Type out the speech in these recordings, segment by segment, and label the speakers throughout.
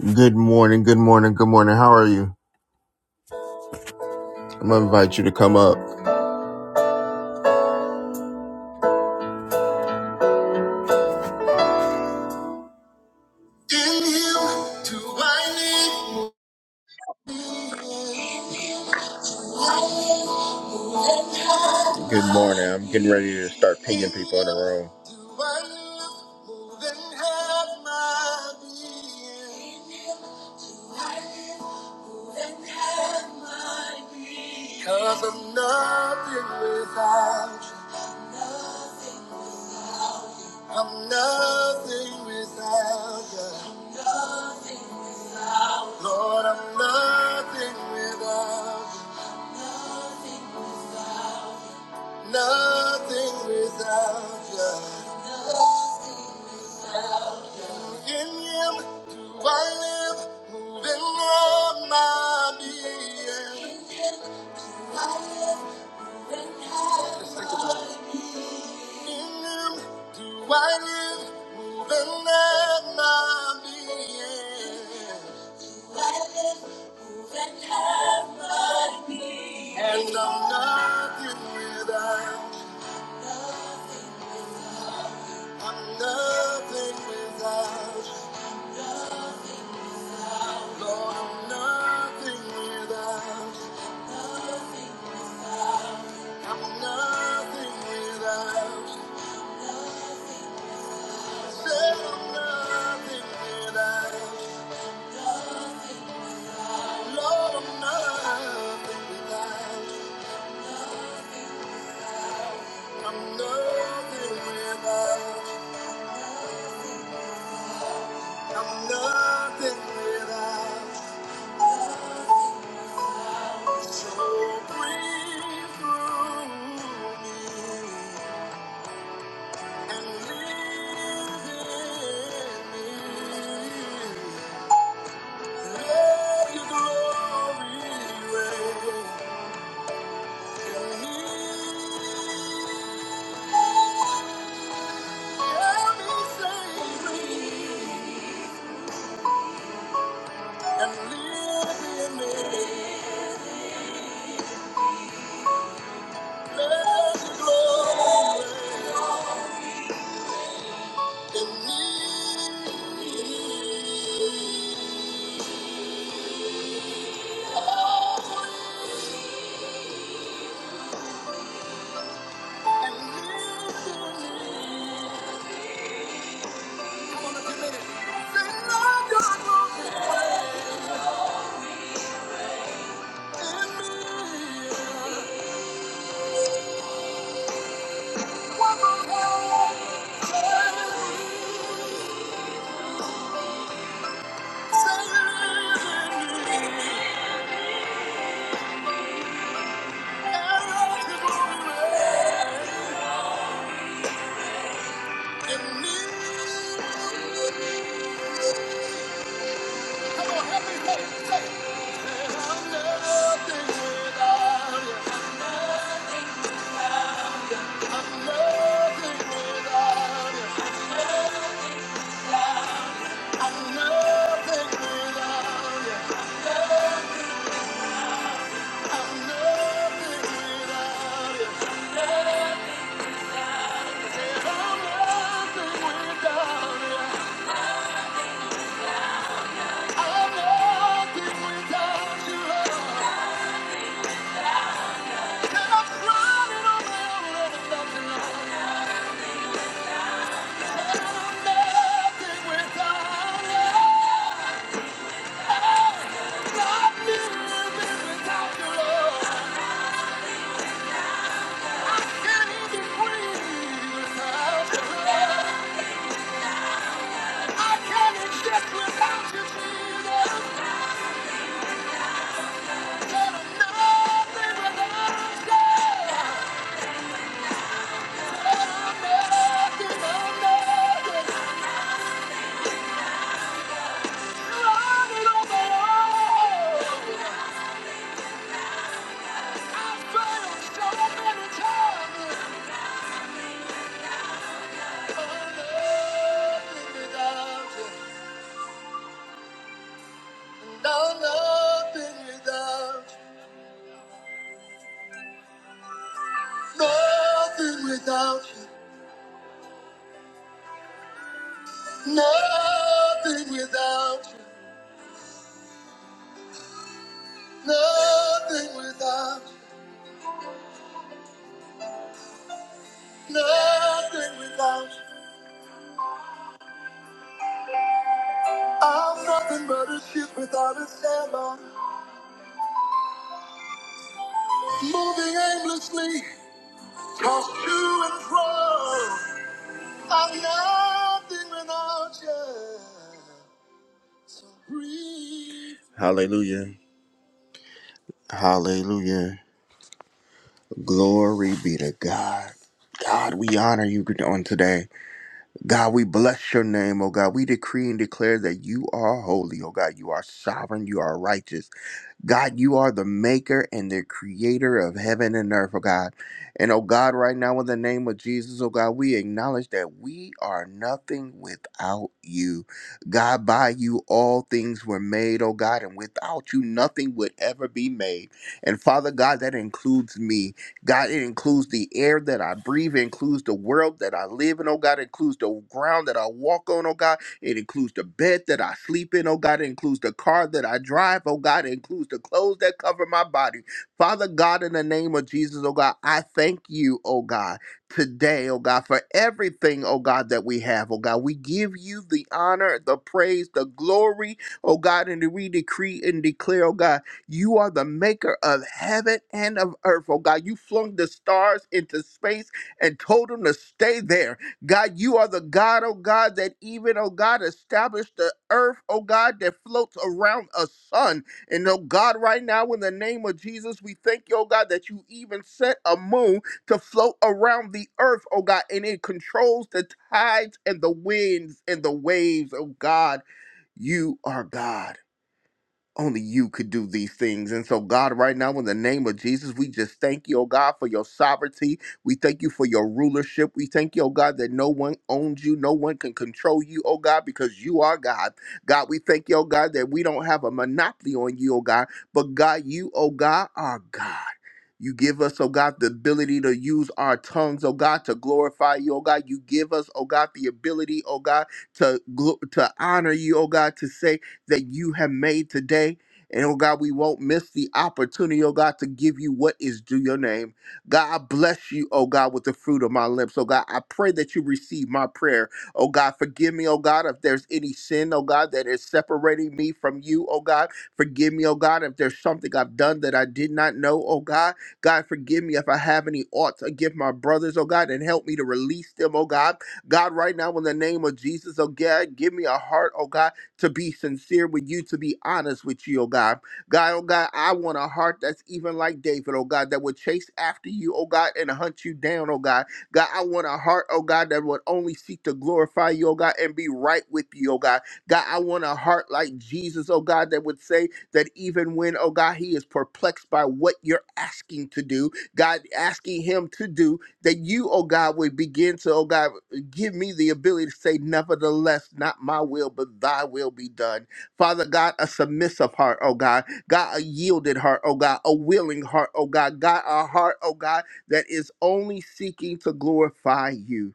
Speaker 1: Good morning, good morning, good morning. How are you? I'm gonna invite you to come up. In you do I need- Good morning. I'm getting ready to start pinging people in the room. Do I need more than half my being? Do I need more than half my being? i I'm nothing without you. I'm nothing without you. Lord, I'm nothing without you. Nothing without you. In him do I live, moving on my being. Just think about it. In him do I live, moving on my being. And I'm nothing without, you. I'm nothing without. you. Lord, I'm nothing without you. I'm nothing without you. I Said I'm nothing without you. Lord, I'm nothing without you. I'm nothing without you. I'm nothing without you. So breathe through me and live in me. Thank you. Without you, I'm running around with nothing. I've failed so many times. I'm nothing without you. No, nothing without you. Nothing without you. Nothing without you. Nothing without you. Nothing without you. I'm nothing but a ship without a sail Moving aimlessly, tossed to and fro. I'm nothing without you. So breathe. Hallelujah. Hallelujah. Glory be to God. God, we honor you on today. God, we bless your name, oh God. We decree and declare that you are holy, oh God. You are sovereign, you are righteous. God, you are the maker and the creator of heaven and earth, oh God. And oh God, right now in the name of Jesus, oh God, we acknowledge that we are nothing without you. God, by you all things were made, oh God, and without you nothing would ever be made. And Father God, that includes me. God, it includes the air that I breathe, it includes the world that I live in, oh God, it includes the ground that I walk on, oh God. It includes the bed that I sleep in, oh God. It includes the car that I drive, oh God. It includes the clothes that cover my body. Father God, in the name of Jesus, oh God, I thank you, oh God, today, oh God, for everything, oh God, that we have, oh God. We give you the honor, the praise, the glory, oh God, and we decree and declare, oh God, you are the maker of heaven and of earth, oh God. You flung the stars into space and told them to stay there. God, you are the God, oh God, that even, oh God, established the earth, oh God, that floats around a sun. And oh God, right now, in the name of Jesus, we thank you, oh God, that you even set a moon to float around the earth, oh God, and it controls the tides and the winds and the waves, oh God. You are God. Only you could do these things. And so, God, right now, in the name of Jesus, we just thank you, oh God, for your sovereignty. We thank you for your rulership. We thank you, oh God, that no one owns you, no one can control you, oh God, because you are God. God, we thank you, oh God, that we don't have a monopoly on you, oh God, but God, you, oh God, are God. You give us, oh God, the ability to use our tongues, oh God, to glorify you, oh God. You give us, oh God, the ability, oh God, to glo- to honor you, oh God, to say that you have made today. And oh God, we won't miss the opportunity, oh God, to give you what is due your name. God, I bless you, oh God, with the fruit of my lips. Oh God, I pray that you receive my prayer. Oh God, forgive me, oh God, if there's any sin, oh God, that is separating me from you, oh God. Forgive me, oh God, if there's something I've done that I did not know, oh God. God, forgive me if I have any oughts against my brothers, oh God, and help me to release them, oh God. God, right now, in the name of Jesus, oh God, give me a heart, oh God to be sincere with you, to be honest with you, oh God. God, oh God, I want a heart that's even like David, oh God, that would chase after you, oh God, and hunt you down, oh God. God, I want a heart, oh God, that would only seek to glorify you, oh God, and be right with you, oh God. God, I want a heart like Jesus, oh God, that would say that even when, oh God, he is perplexed by what you're asking to do, God, asking him to do, that you, oh God, would begin to, oh God, give me the ability to say, Nevertheless, not my will, but thy will be done. Father God, a submissive heart, oh God. God, a yielded heart, oh God. A willing heart, oh God. God, a heart, oh God, that is only seeking to glorify you.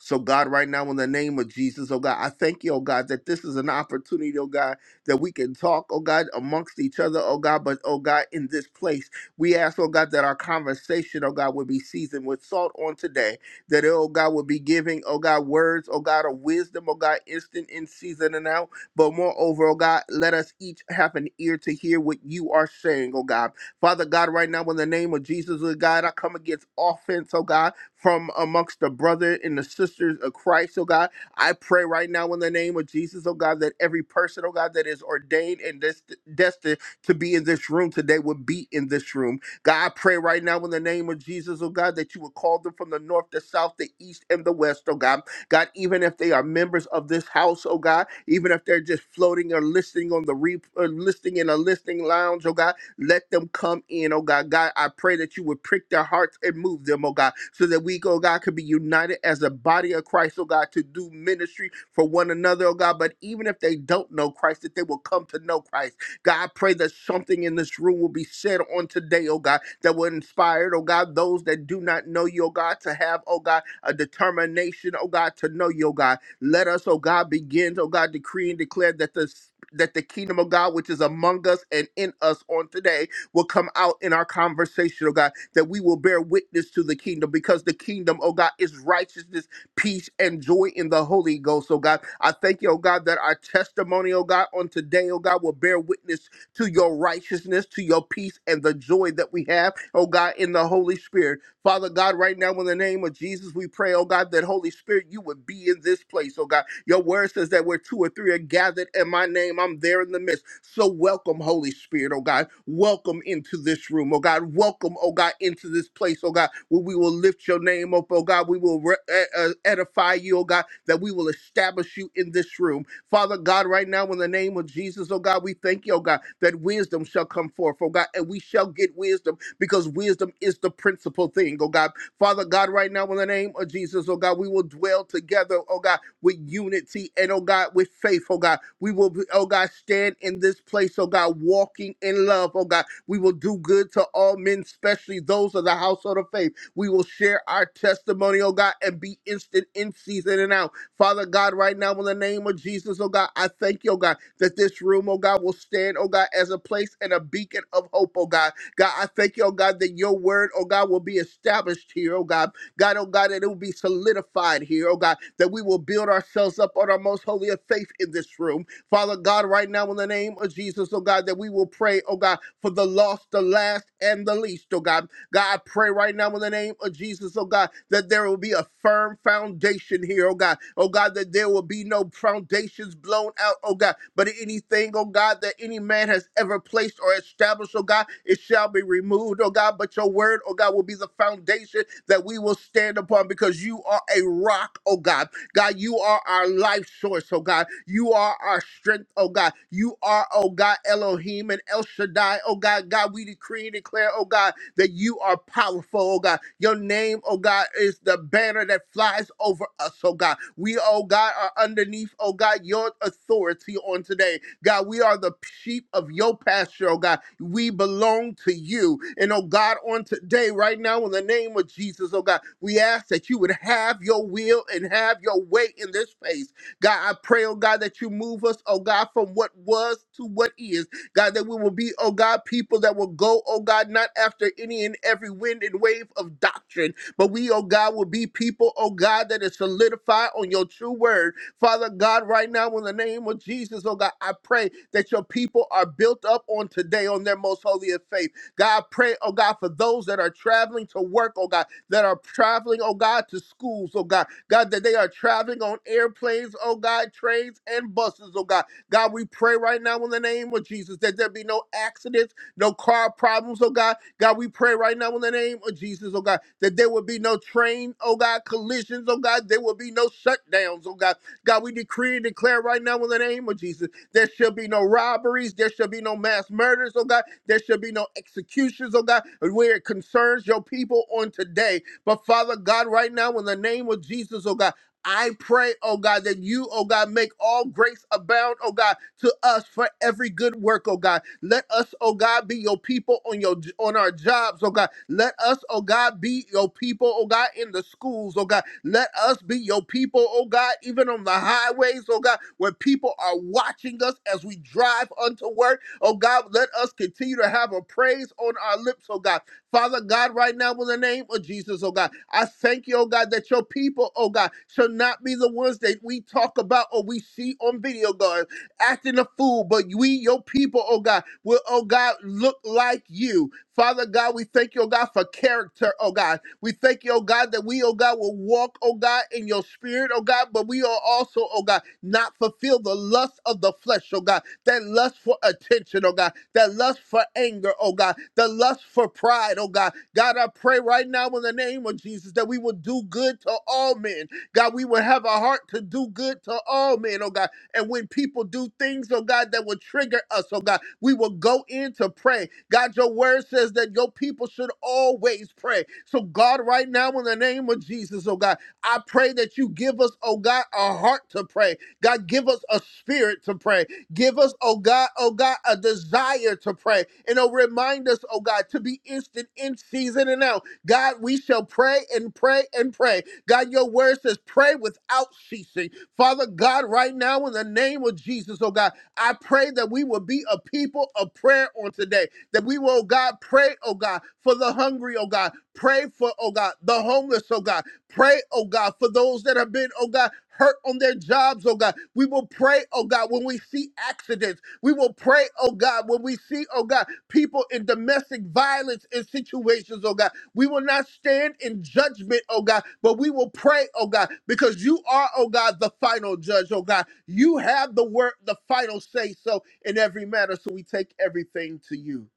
Speaker 1: So, God, right now, in the name of Jesus, oh God, I thank you, oh God, that this is an opportunity, oh God, that we can talk, oh God, amongst each other, oh God, but, oh God, in this place. We ask, oh God, that our conversation, oh God, would be seasoned with salt on today that, oh God, will be giving, oh God, words, oh God, of wisdom, oh God, instant in season and out. But moreover, oh God, let us each have an ear to hear what you are saying, oh God. Father God, right now, in the name of Jesus, oh God, I come against offense, oh God, from amongst the brother and the sisters of Christ, oh God. I pray right now in the name of Jesus, oh God, that every person, oh God, that is ordained and dest- destined to be in this room today would be in this room. God, I pray right now in the name of Jesus, oh God, that you would call them from the north, the south, the east, and the west, oh God. God, even if they are members of this house, oh God, even if they're just floating or listening on the re- or listening in a listening lounge, oh God, let them come in, oh God. God, I pray that you would prick their hearts and move them, oh God, so that we, oh God, could be united as a body of Christ, oh God, to do ministry for one another, oh God. But even if they don't know Christ, that they will come to know Christ. God, I pray that something in this room will be said on today, oh God, that will inspire, oh God, those that do not know you, oh God, to have, oh God, a determination, oh God, to know you, oh God. Let us, oh God, begin, oh God, decree and declare that the that the kingdom of God, which is among us and in us on today, will come out in our conversation, oh God, that we will bear witness to the kingdom because the kingdom, oh God, is righteousness peace, and joy in the Holy Ghost, oh God. I thank you, oh God, that our testimony, oh God, on today, oh God, will bear witness to your righteousness, to your peace, and the joy that we have, oh God, in the Holy Spirit. Father God, right now, in the name of Jesus, we pray, oh God, that Holy Spirit, you would be in this place, oh God. Your word says that where two or three are gathered in my name, I'm there in the midst. So welcome, Holy Spirit, oh God. Welcome into this room, oh God. Welcome, oh God, into this place, oh God, where we will lift your name up, oh God. We will will re- e- e- edify you, oh God, that we will establish you in this room. Father God, right now, in the name of Jesus, oh God, we thank you, oh God, that wisdom shall come forth, oh God, and we shall get wisdom because wisdom is the principal thing, oh God. Father God, right now, in the name of Jesus, oh God, we will dwell together, oh God, with unity and, oh God, with faith, oh God. We will, be, oh God, stand in this place, oh God, walking in love, oh God. We will do good to all men, especially those of the household of faith. We will share our testimony, oh God, and be instant in season and out. Father God, right now, in the name of Jesus, oh God, I thank you, oh God, that this room, oh God, will stand, oh God, as a place and a beacon of hope, oh God. God, I thank you, oh God, that your word, oh God, will be established here, oh God. God, oh God, that it will be solidified here, oh God, that we will build ourselves up on our most holy of faith in this room. Father God, right now in the name of Jesus, oh God, that we will pray, oh God, for the lost, the last, and the least, oh God. God, I pray right now in the name of Jesus, oh God, that there will be a firm foundation here, oh God. Oh God, that there will be no foundations blown out, oh God. But anything, oh God, that any man has ever placed or established, oh God, it shall be removed, oh God. But your word, oh God, will be the foundation that we will stand upon because you are a rock, oh God. God, you are our life source, oh God. You are our strength, oh God. You are, oh God, Elohim and El Shaddai, oh God. God, we decree and declare, oh God, that you are powerful, oh God. Your name, oh God, is the banner that flies over us, oh God. We, oh God, are underneath, oh God, your authority on today. God, we are the sheep of your pasture, oh God. We belong to you. And oh God, on today, right now, in the name of Jesus, oh God, we ask that you would have your will and have your way in this place. God, I pray, oh God, that you move us, oh God, from what was to what is. God, that we will be, oh God, people that will go, oh God, not after any and every wind and wave of doctrine, but we, oh God, will be people, oh God, that is solidified on your true word. Father God, right now, in the name of Jesus, oh God, I pray that your people are built up on today on their most holy of faith. God, I pray, oh God, for those that are traveling to work, oh God, that are traveling, oh God, to schools, oh God, God, that they are traveling on airplanes, oh God, trains and buses, oh God. God, we pray right now in the name of Jesus that there be no accidents, no car problems, oh God. God, we pray right now in the name of Jesus, oh God, that there will be no train, oh God, collisions, oh God, there will be no shutdowns, oh God. God, we decree and declare right now in the name of Jesus, there shall be no robberies, there shall be no mass murders, oh God, there shall be no executions, oh God, where it concerns your people on today. But Father God, right now in the name of Jesus, oh God, I pray, oh God, that you, oh God, make all grace abound, oh God, to us for every good work, oh God. Let us, oh God, be your people on your on our jobs, oh God. Let us, oh God, be your people, oh God, in the schools, oh God. Let us be your people, oh God, even on the highways, oh God, where people are watching us as we drive unto work. Oh God, let us continue to have a praise on our lips, oh God. Father God, right now, in the name of Jesus, oh God, I thank you, oh God, that your people, oh God, shall not be the ones that we talk about or we see on video, God acting a fool, but we, your people, oh God, will, oh God, look like you. Father God, we thank you, oh God, for character, oh God. We thank you, oh God, that we, oh God, will walk, oh God, in your spirit, oh God, but we are also, oh God, not fulfill the lust of the flesh, oh God, that lust for attention, oh God, that lust for anger, oh God, the lust for pride, oh God. God, I pray right now in the name of Jesus that we will do good to all men. God, we will have a heart to do good to all men, oh God and when people do things, oh God, that will trigger us, oh God, we will go in to pray. God, your word says that your people should always pray. So, God, right now, in the name of Jesus, oh God, I pray that you give us, oh God, a heart to pray. God, give us a spirit to pray. Give us, oh God, oh God, a desire to pray. And oh, remind us, oh God, to be instant in season and out. God, we shall pray and pray and pray. God, your word says, pray without ceasing. Father God, right now in the name of Jesus, oh God, I pray that we will be a people of prayer on today. That we will, oh God, pray, oh God, for the hungry, oh God. Pray for, oh God, the homeless, oh God. Pray, oh God, for those that have been, oh God, hurt on their jobs, oh God. We will pray, oh God, when we see accidents. We will pray, oh God, when we see, oh God, people in domestic violence and situations, oh God. We will not stand in judgment, oh God, but we will pray, oh God, because you are, oh God, the final judge, oh God. You have the word, the final say so in every matter. So we take everything to you,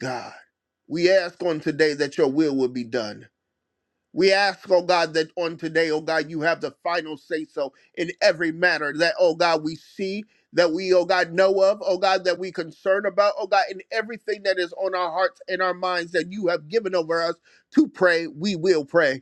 Speaker 1: God. We ask on today that your will will be done. We ask, oh God, that on today, oh God, you have the final say so in every matter that, oh God, we see, that we, oh God, know of, oh God, that we concern about, oh God, in everything that is on our hearts and our minds that you have given over us to pray, we will pray.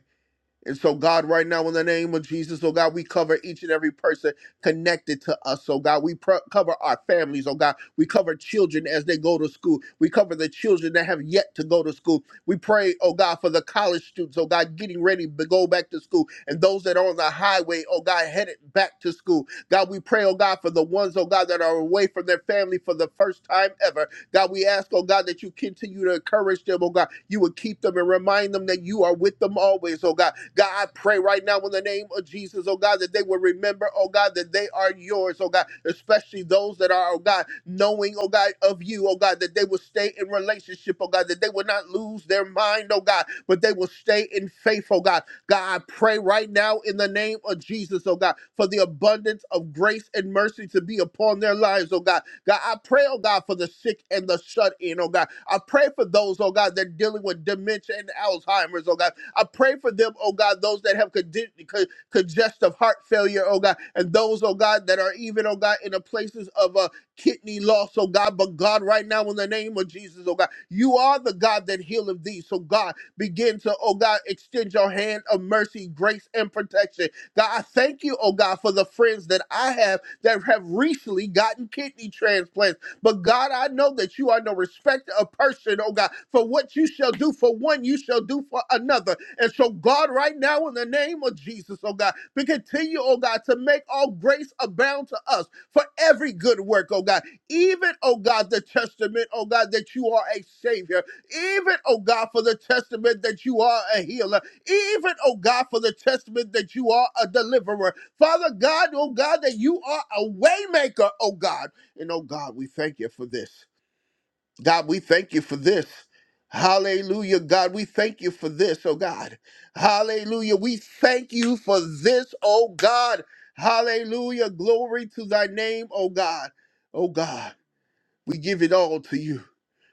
Speaker 1: And so, God, right now, in the name of Jesus, oh God, we cover each and every person connected to us. Oh God, we pro- cover our families. Oh God, we cover children as they go to school. We cover the children that have yet to go to school. We pray, oh God, for the college students, oh God, getting ready to go back to school. And those that are on the highway, oh God, headed back to school. God, we pray, oh God, for the ones, oh God, that are away from their family for the first time ever. God, we ask, oh God, that you continue to encourage them, oh God. You would keep them and remind them that you are with them always, oh God. God, I pray right now in the name of Jesus, oh God, that they will remember, oh God, that they are yours, oh God, especially those that are, oh God, knowing, oh God, of you, oh God, that they will stay in relationship, oh God, that they will not lose their mind, oh God, but they will stay in faith, oh God God, I pray right now in the name of Jesus, oh God, for the abundance of grace and mercy to be upon their lives, oh God. God, I pray, oh God, for the sick and the shut in, oh God. I pray for those, oh God, that are dealing with dementia and Alzheimer's, oh God. I pray for them, oh God, those that have condi- co- congestive heart failure, oh God, and those, oh God, that are even, oh God, in the places of uh, kidney loss, oh God. But God, right now, in the name of Jesus, oh God, you are the God that healeth thee. So, God, Begin to, oh God, extend your hand of mercy, grace, and protection. God, I thank you, oh God, for the friends that I have that have recently gotten kidney transplants. But God, I know that you are no respecter of person, oh God, for what you shall do for one, you shall do for another. And so, God, right now, in the name of Jesus, oh God, we continue, oh God, to make all grace abound to us for every good work, oh God. Even, oh God, the testament, oh God, that you are a savior. Even, oh God, for the testament that you are a healer. Even, oh God, for the testament that you are a deliverer. Father God, oh God, that you are a waymaker, oh God. And oh God, we thank you for this. God, we thank you for this. Hallelujah, God, we thank you for this, oh God. Hallelujah, we thank you for this, oh God. Hallelujah, glory to thy name, oh God. Oh God, we give it all to you.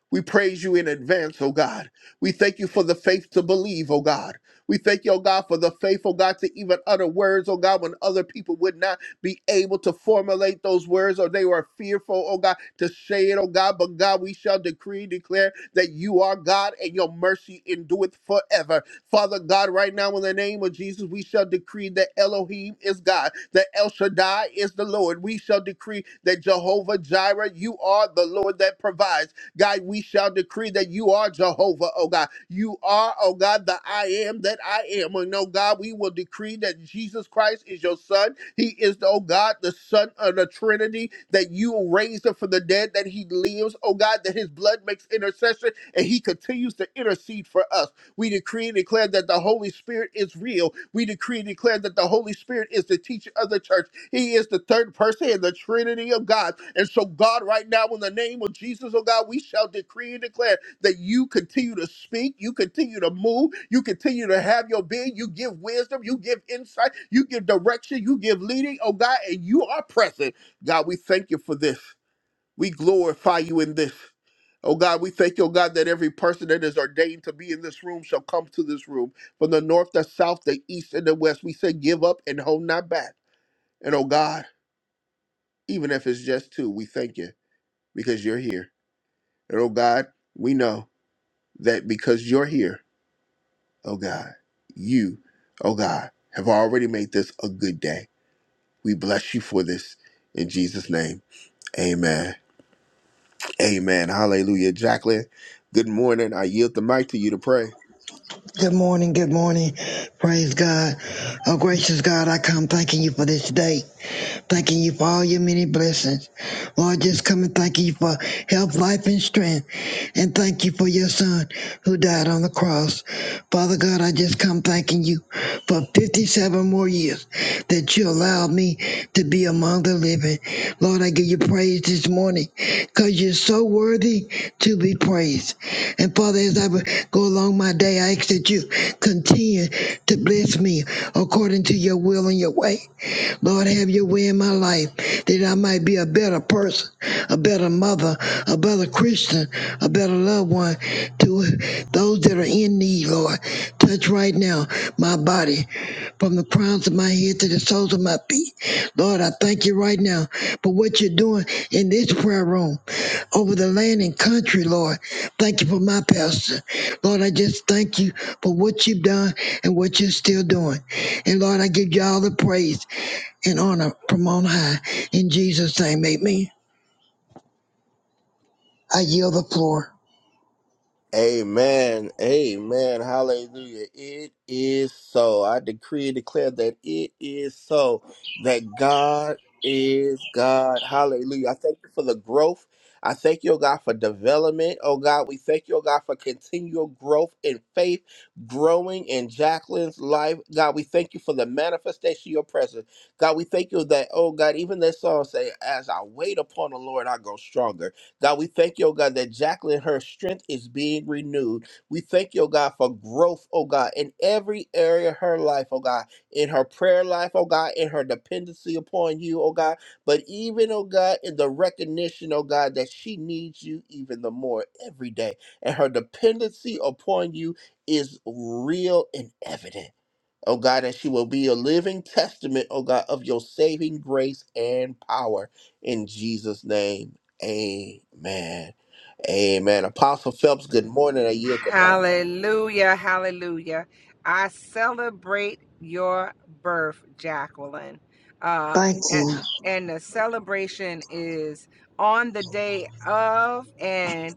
Speaker 1: We praise you in advance, oh God. We thank you for the faith to believe, oh God. We thank you, oh God, for the faith, oh God, to even utter words, oh God, when other people would not be able to formulate those words or they were fearful, oh God, to say it, oh God. But God, we shall decree, and declare that you are God and your mercy endureth forever. Father God, right now in the name of Jesus, we shall decree that Elohim is God, that El Shaddai is the Lord. We shall decree that Jehovah Jireh, you are the Lord that provides. God, we shall decree that you are Jehovah, oh God. You are, oh God, the I am that I am. And oh God, we will decree that Jesus Christ is your son. He is, oh God, the son of the Trinity, that you raised him from the dead, that he lives, oh God, that his blood makes intercession and he continues to intercede for us. We decree and declare that the Holy Spirit is real. We decree and declare that the Holy Spirit is the teacher of the church. He is the third person in the Trinity of God. And so, God, right now, in the name of Jesus, oh God, we shall decree and declare that you continue to speak, you continue to move, you continue to have your being, you give wisdom, you give insight, you give direction, you give leading, oh God, and you are present. God, we thank you for this. We glorify you in this. Oh God, we thank you, oh God, that every person that is ordained to be in this room shall come to this room from the north, the south, the east, and the west. We say, give up and hold not back. And oh God, even if it's just two, we thank you because you're here. And oh God, we know that because you're here, oh God, you, oh God, have already made this a good day. We bless you for this in Jesus' name. Amen. Amen. Hallelujah. Jacqueline, good morning. I yield the mic to you to pray.
Speaker 2: Good morning, good morning. Praise God. Oh, gracious God, I come thanking you for this day. Thanking you for all your many blessings. Lord, just come and thank you for health, life, and strength. And thank you for your son who died on the cross. Father God, I just come thanking you for 57 more years that you allowed me to be among the living. Lord, I give you praise this morning because you're so worthy to be praised. And Father, as I would go along my day, I ask that you continue to bless me according to your will and your way. Lord, have your way in my life that I might be a better person, a better mother, a better Christian, a better loved one to those that are in need, Lord. Touch right now my body from the crowns of my head to the soles of my feet. Lord, I thank you right now for what you're doing in this prayer room over the land and country, Lord. Thank you for my pastor. Lord, I just thank you for what you've done and what you're still doing. And Lord, I give you all the praise and honor from on high. In Jesus' name, make me. I yield the floor.
Speaker 1: Amen. Amen. Hallelujah. It is so. I decree and declare that it is so. That God is God. Hallelujah. I thank you for the growth. I thank you, oh God, for development. Oh God, we thank you, oh God, for continual growth in faith, growing in Jacqueline's life. God, we thank you for the manifestation of your presence. God, we thank you that, oh God, even that song say, as I wait upon the Lord, I go stronger. God, we thank you, oh God, that Jacqueline, her strength is being renewed. We thank you, oh God, for growth, oh God, in every area of her life, oh God, in her prayer life, oh God, in her dependency upon you, oh God, but even, oh God, in the recognition, oh God, that she needs you even the more every day. And her dependency upon you is real and evident oh God, that she will be a living testament, oh God, of your saving grace and power. In Jesus' name, amen. Amen. Apostle Phelps, good morning. I yield the mic
Speaker 3: Hallelujah. Hallelujah. I celebrate your birth, Jacqueline. Uh,
Speaker 2: Thank
Speaker 3: and,
Speaker 2: you.
Speaker 3: and the celebration is on the day of, and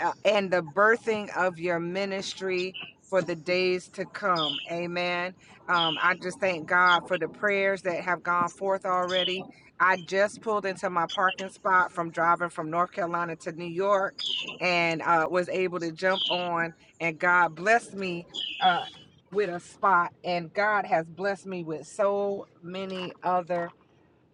Speaker 3: uh, and the birthing of your ministry for the days to come. Amen. Um, I just thank God for the prayers that have gone forth already. I just pulled into my parking spot from driving from North Carolina to New York and uh, was able to jump on, and God blessed me. Uh, with a spot, and God has blessed me with so many other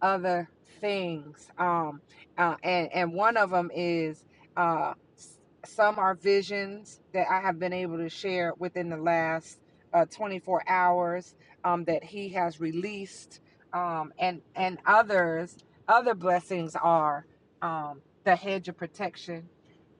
Speaker 3: other things. Um, uh, and and one of them is uh, s- some are visions that I have been able to share within the last uh, 24 hours um, that He has released, um, and and others other blessings are um, the hedge of protection.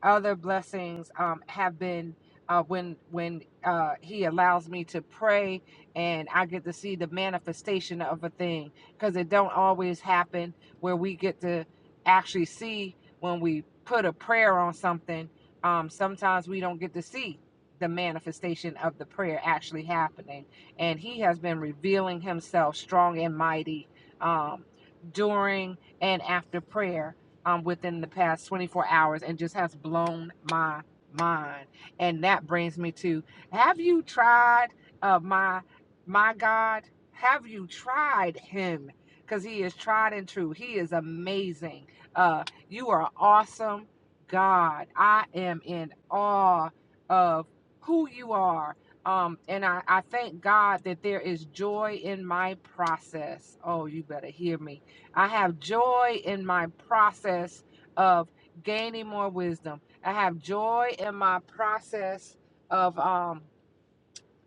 Speaker 3: Other blessings um, have been. Uh, when when uh, he allows me to pray and I get to see the manifestation of a thing because it don't always happen where we get to actually see when we put a prayer on something um, sometimes we don't get to see the manifestation of the prayer actually happening and he has been revealing himself strong and mighty um, during and after prayer um, within the past 24 hours and just has blown my mind and that brings me to have you tried uh, my my god have you tried him? Because he is tried and true. He is amazing. Uh, you are awesome, God. I am in awe of who you are. Um, and I, I thank God that there is joy in my process. Oh, you better hear me. I have joy in my process of gaining more wisdom. I have joy in my process of um,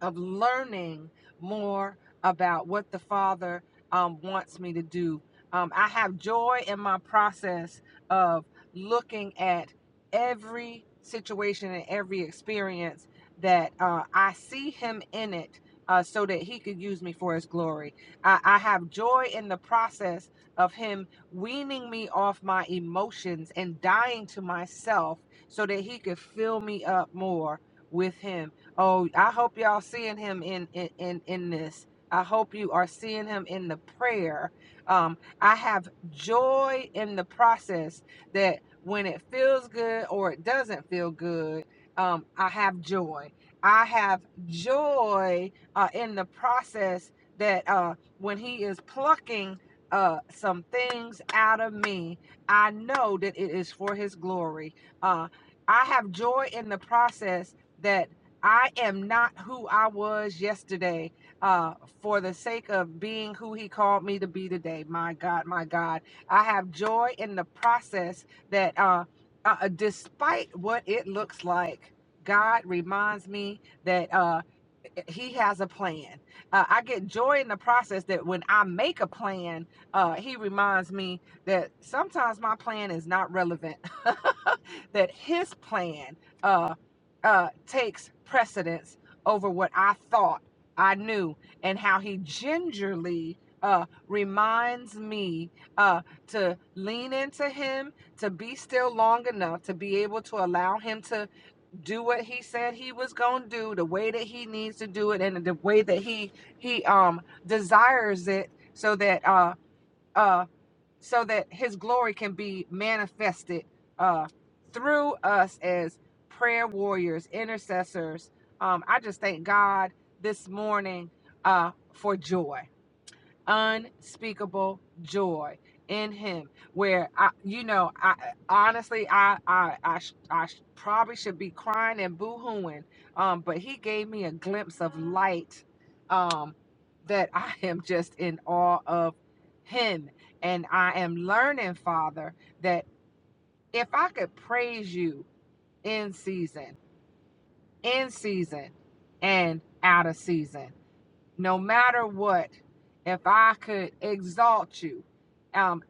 Speaker 3: of learning more about what the Father um, wants me to do. Um, I have joy in my process of looking at every situation and every experience that uh, I see Him in it. Uh, so that he could use me for his glory. I, I have joy in the process of him weaning me off my emotions and dying to myself so that he could fill me up more with him Oh, I hope y'all seeing him in in in, in this. I hope you are seeing him in the prayer. Um, I have joy in the process that when it feels good or it doesn't feel good, um, I have joy. I have joy uh, in the process that uh, when he is plucking uh, some things out of me, I know that it is for his glory. Uh, I have joy in the process that I am not who I was yesterday uh, for the sake of being who He called me to be today. My God, my God. I have joy in the process that, uh, uh, despite what it looks like, God reminds me that. uh, he has a plan. Uh, I get joy in the process that when I make a plan, uh, he reminds me that sometimes my plan is not relevant, that his plan uh, uh, takes precedence over what I thought I knew, and how he gingerly uh, reminds me uh, to lean into him, to be still long enough to be able to allow him to do what he said he was going to do the way that he needs to do it and the way that he he um desires it so that uh uh so that his glory can be manifested uh through us as prayer warriors intercessors um i just thank god this morning uh for joy unspeakable joy in him where i you know i honestly i i i, sh- I sh- probably should be crying and boo-hooing um but he gave me a glimpse of light um that i am just in awe of him and i am learning father that if i could praise you in season in season and out of season no matter what, if I could exalt you, um,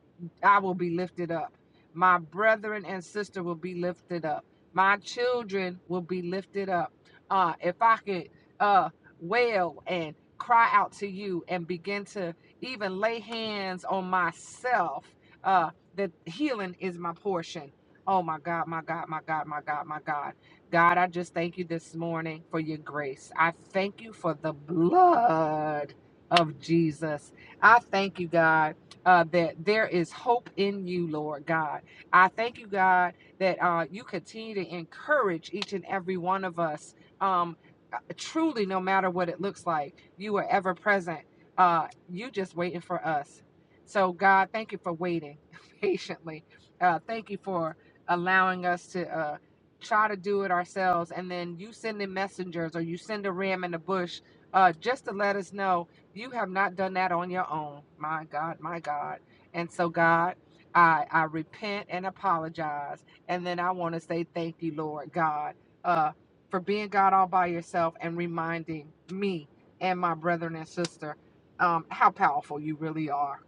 Speaker 3: I will be lifted up. My brethren and sister will be lifted up. My children will be lifted up. Uh, if I could uh, wail and cry out to you and begin to even lay hands on myself, uh, that healing is my portion. Oh my God, my God, my God, my God, my God. God, I just thank you this morning for your grace. I thank you for the blood of Jesus. I thank you, God, uh, that there is hope in you, Lord God. I thank you, God, that uh, you continue to encourage each and every one of us. Um, uh, truly, no matter what it looks like, you are ever present. Uh, you just waiting for us. So, God, thank you for waiting patiently. Uh, thank you for allowing us to. Uh, try to do it ourselves and then you send in messengers or you send a ram in the bush uh, just to let us know you have not done that on your own my god my god and so god i i repent and apologize and then i want to say thank you lord god uh, for being god all by yourself and reminding me and my brethren and sister um, how powerful you really are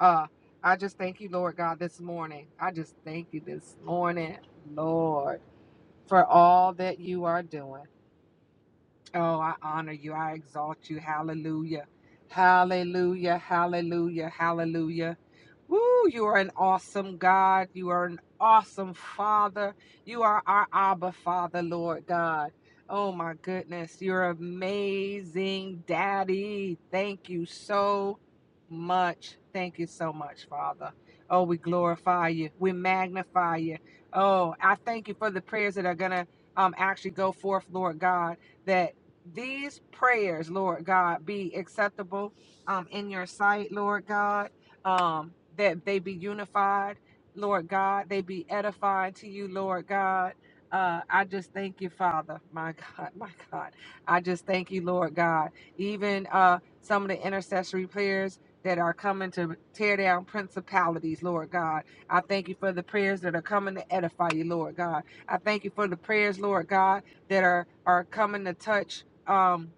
Speaker 3: uh, i just thank you lord god this morning i just thank you this morning lord for all that you are doing. Oh, I honor you. I exalt you. Hallelujah. Hallelujah. Hallelujah. Hallelujah. Woo, you are an awesome God. You are an awesome Father. You are our Abba Father, Lord God. Oh, my goodness. You're amazing, Daddy. Thank you so much. Thank you so much, Father. Oh, we glorify you. We magnify you. Oh, I thank you for the prayers that are going to um, actually go forth, Lord God That these prayers, Lord God, be acceptable um, in your sight, Lord God, um, that they be unified, Lord God, they be edified to you, Lord God. Uh, I just thank you, Father, my God, my God. I just thank you, Lord God. Even uh, some of the intercessory prayers that are coming to tear down principalities, Lord God. I thank you for the prayers that are coming to edify you, Lord God. I thank you for the prayers, Lord God, that are, are coming to touch um,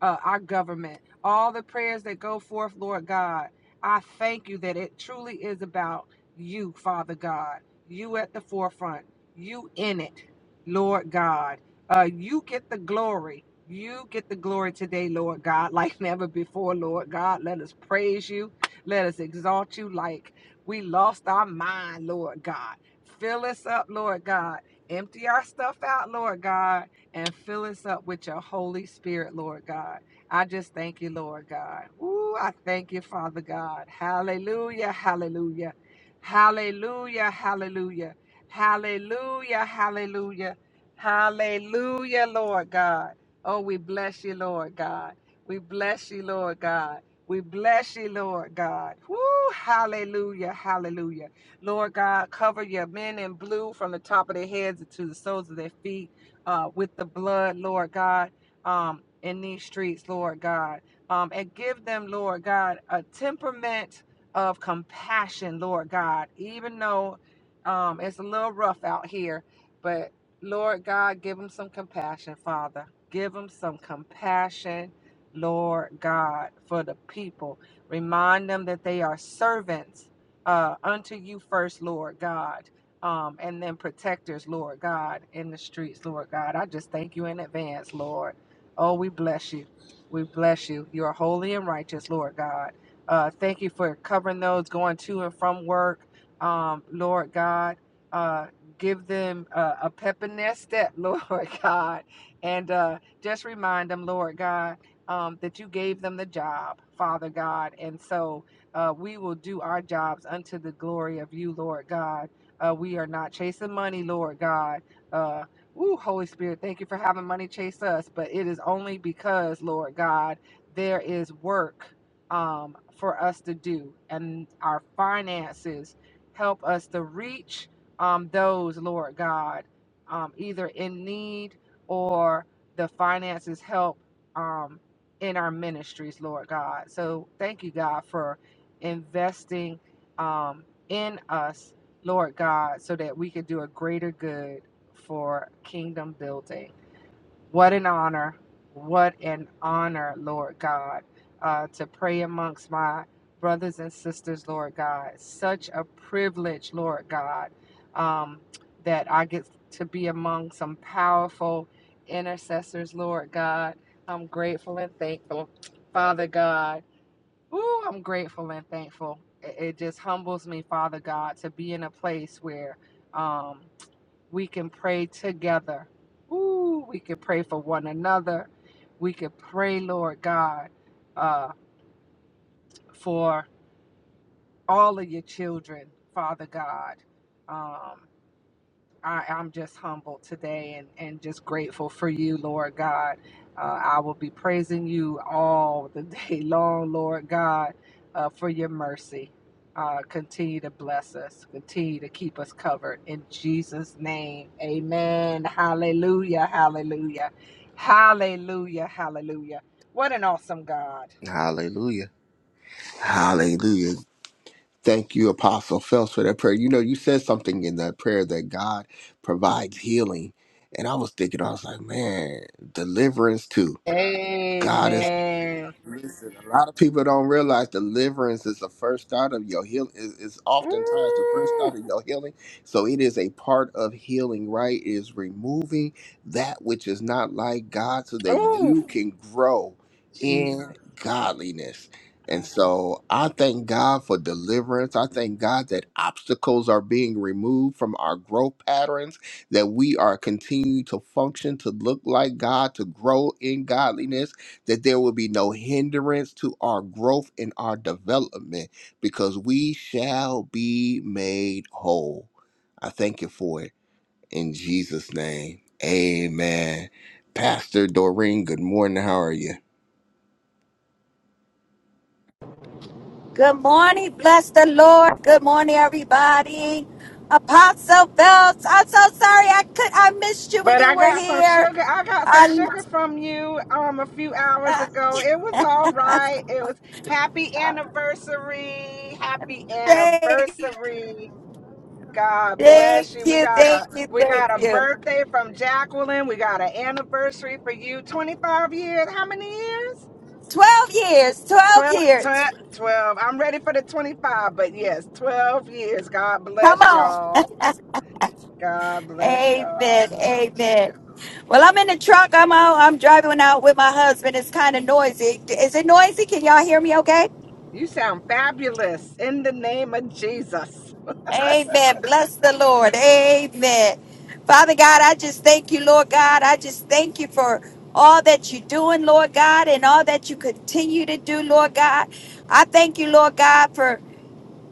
Speaker 3: uh, our government, all the prayers that go forth, Lord God. I thank you that it truly is about you, Father God. You at the forefront, you in it, Lord God. Uh, you get the glory. You get the glory today, Lord God, like never before, Lord God. Let us praise you. Let us exalt you like we lost our mind, Lord God. Fill us up, Lord God. Empty our stuff out, Lord God and fill us up with your Holy Spirit, Lord God. I just thank you, Lord God. Ooh, I thank you, Father God. Hallelujah, hallelujah, hallelujah, hallelujah, hallelujah, hallelujah, hallelujah, Lord God. Oh, we bless you, Lord God. We bless you, Lord God. We bless you, Lord God. Woo, hallelujah, hallelujah. Lord God, cover your men in blue from the top of their heads to the soles of their feet uh, with the blood, Lord God, um, in these streets, Lord God. Um, and give them, Lord God, a temperament of compassion, Lord God, even though um, it's a little rough out here. But Lord God, give them some compassion, Father. Give them some compassion, Lord God, for the people. Remind them that they are servants uh, unto you first, Lord God um, and then protectors, Lord God, in the streets, Lord God. I just thank you in advance, Lord. Oh, we bless you. We bless you. You are holy and righteous, Lord God. Uh, thank you for covering those going to and from work, um, Lord God. Uh, give them uh, a pep in their step, Lord God. And uh, just remind them, Lord God, um, that you gave them the job, Father God. And so uh, we will do our jobs unto the glory of you, Lord God uh, we are not chasing money, Lord God. Uh, Ooh, Holy Spirit, thank you for having money chase us. But it is only because, Lord God, there is work um, for us to do, and our finances help us to reach um, those, Lord God, um, either in need or the finances help um, in our ministries, Lord God. So thank you, God, for investing um, in us Lord God, so that we could do a greater good for kingdom building. What an honor. What an honor, Lord God, uh, to pray amongst my brothers and sisters, Lord God. Such a privilege, Lord God, um, that I get to be among some powerful intercessors, Lord God. I'm grateful and thankful, Father God. Ooh, I'm grateful and thankful. It, it just humbles me, Father God, to be in a place where um, we can pray together. Ooh, we can pray for one another. We can pray, Lord God, uh, for all of your children, Father God. Um, I, I'm just humbled today and, and just grateful for you, Lord God. Uh, I will be praising you all the day long, Lord God, uh, for your mercy. Uh, continue to bless us, continue to keep us covered. In Jesus' name, amen. Hallelujah, hallelujah, hallelujah, hallelujah. What an awesome God.
Speaker 1: Hallelujah. Hallelujah. Thank you, Apostle Phelps, for that prayer. You know, you said something in that prayer that God provides healing. And I was thinking, I was like, man, deliverance too. God is
Speaker 3: Amen.
Speaker 1: Listen, a lot of people don't realize deliverance is the first start of your healing. Is is oftentimes the first
Speaker 3: Ooh,
Speaker 1: start of your healing. So it is a part of healing, right? It Is removing that which is not like God, so that
Speaker 3: ooh,
Speaker 1: you can grow
Speaker 3: Jesus.
Speaker 1: in godliness. And so I thank God for deliverance. I thank God that obstacles are being removed from our growth patterns, that we are continuing to function, to look like God, to grow in godliness that there will be no hindrance to our growth and our development because we shall be made whole. I thank you for it in Jesus' name. Amen. Pastor Doreen, good morning. How are you?
Speaker 4: Good morning. Bless the Lord. Good morning, everybody. Apostle Phelps, I'm so sorry I could I missed you when
Speaker 3: But
Speaker 4: you
Speaker 3: I
Speaker 4: were
Speaker 3: got some
Speaker 4: here.
Speaker 3: sugar. I got some
Speaker 4: I
Speaker 3: sugar from you um a few hours ago. It was all right. It was happy anniversary. Happy
Speaker 4: thank,
Speaker 3: anniversary. God
Speaker 4: thank
Speaker 3: bless you. We
Speaker 4: you,
Speaker 3: got
Speaker 4: thank
Speaker 3: a
Speaker 4: you,
Speaker 3: we
Speaker 4: thank
Speaker 3: got a
Speaker 4: you.
Speaker 3: birthday from Jacqueline. We got an anniversary for you. 25 years. How many years?
Speaker 4: Twelve years, twelve
Speaker 3: 12,
Speaker 4: years.
Speaker 3: 12, 12. I'm ready for the 25, but yes, 12 years. God
Speaker 4: Come
Speaker 3: bless
Speaker 4: on.
Speaker 3: y'all. God bless y'all.
Speaker 4: amen. Amen. Well, I'm in the truck. I'm out. I'm driving out with my husband. It's kind of noisy. Is it noisy? Can y'all hear me? okay?
Speaker 3: You sound fabulous in the name of Jesus.
Speaker 4: Amen. Bless the Lord. Amen. Father God, I just thank you, Lord God. I just thank you for all that you're doing, Lord God, and all that you continue to do, Lord God. I thank you, Lord God, for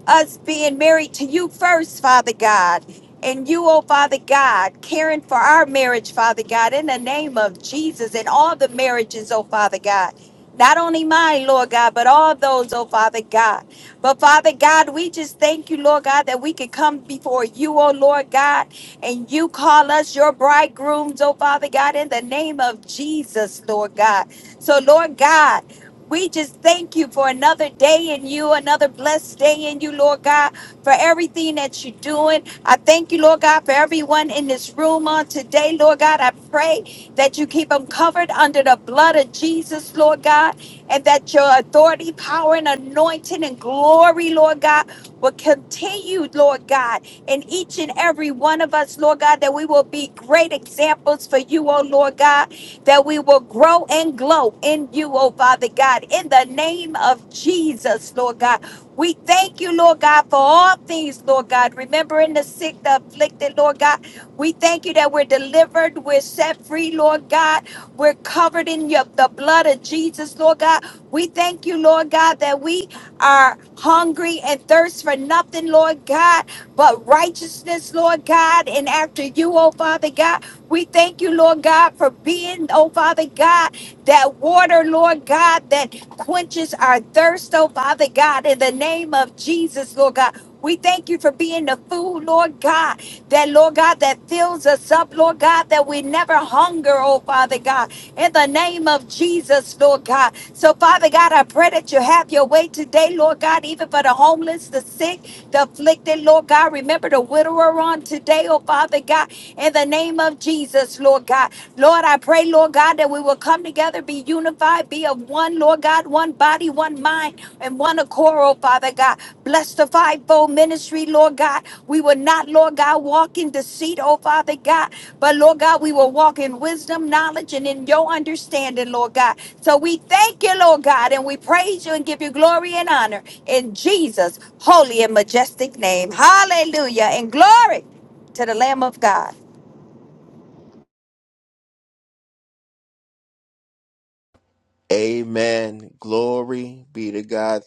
Speaker 4: us being married to you first, Father God. And you, oh Father God, caring for our marriage, Father God, in the name of Jesus and all the marriages, oh Father God. Not only mine, Lord God, but all those, oh Father God. But Father God, we just thank you, Lord God, that we can come before you, oh Lord God, and you call us your bridegrooms, oh Father God, in the name of Jesus, Lord God. So, Lord God, we just thank you for another day in you, another blessed day in you, Lord God, for everything that you're doing. I thank you, Lord God, for everyone in this room on today, Lord God. I pray that you keep them covered under the blood of Jesus, Lord God, and that your authority, power, and anointing and glory, Lord God, will continue, Lord God, in each and every one of us, Lord God, that we will be great examples for you, oh Lord God that we will grow and glow in you, oh Father God, in the name of Jesus, Lord God. We thank you, Lord God, for all things, Lord God. Remembering the sick, the afflicted, Lord God. We thank you that we're delivered, we're set free, Lord God. We're covered in your, the blood of Jesus, Lord God. We thank you, Lord God, that we are hungry and thirst for nothing, Lord God, but righteousness, Lord God, and after you, oh Father God. We thank you, Lord God, for being, oh Father God, that water, Lord God, that quenches our thirst, oh Father God, in the name of Jesus, Lord God. We thank you for being the food, Lord God, that, Lord God, that fills us up, Lord God, that we never hunger, oh Father God, in the name of Jesus, Lord God. So, Father God, I pray that you have your way today, Lord God, even for the homeless, the sick, the afflicted, Lord God. Remember the widower on today, oh Father God in the name of Jesus, Lord God. Lord, I pray, Lord God, that we will come together, be unified, be of one, Lord God, one body, one mind, and one accord, oh Father God. Bless the fivefold ministry, Lord God. We will not, Lord God, walk in deceit, oh Father God, but Lord God, we will walk in wisdom, knowledge, and in your understanding, Lord God. So we thank you, Lord God, and we praise you and give you glory and honor in Jesus' holy and majestic name. Hallelujah and glory to the Lamb of God.
Speaker 1: Amen. Glory be to God.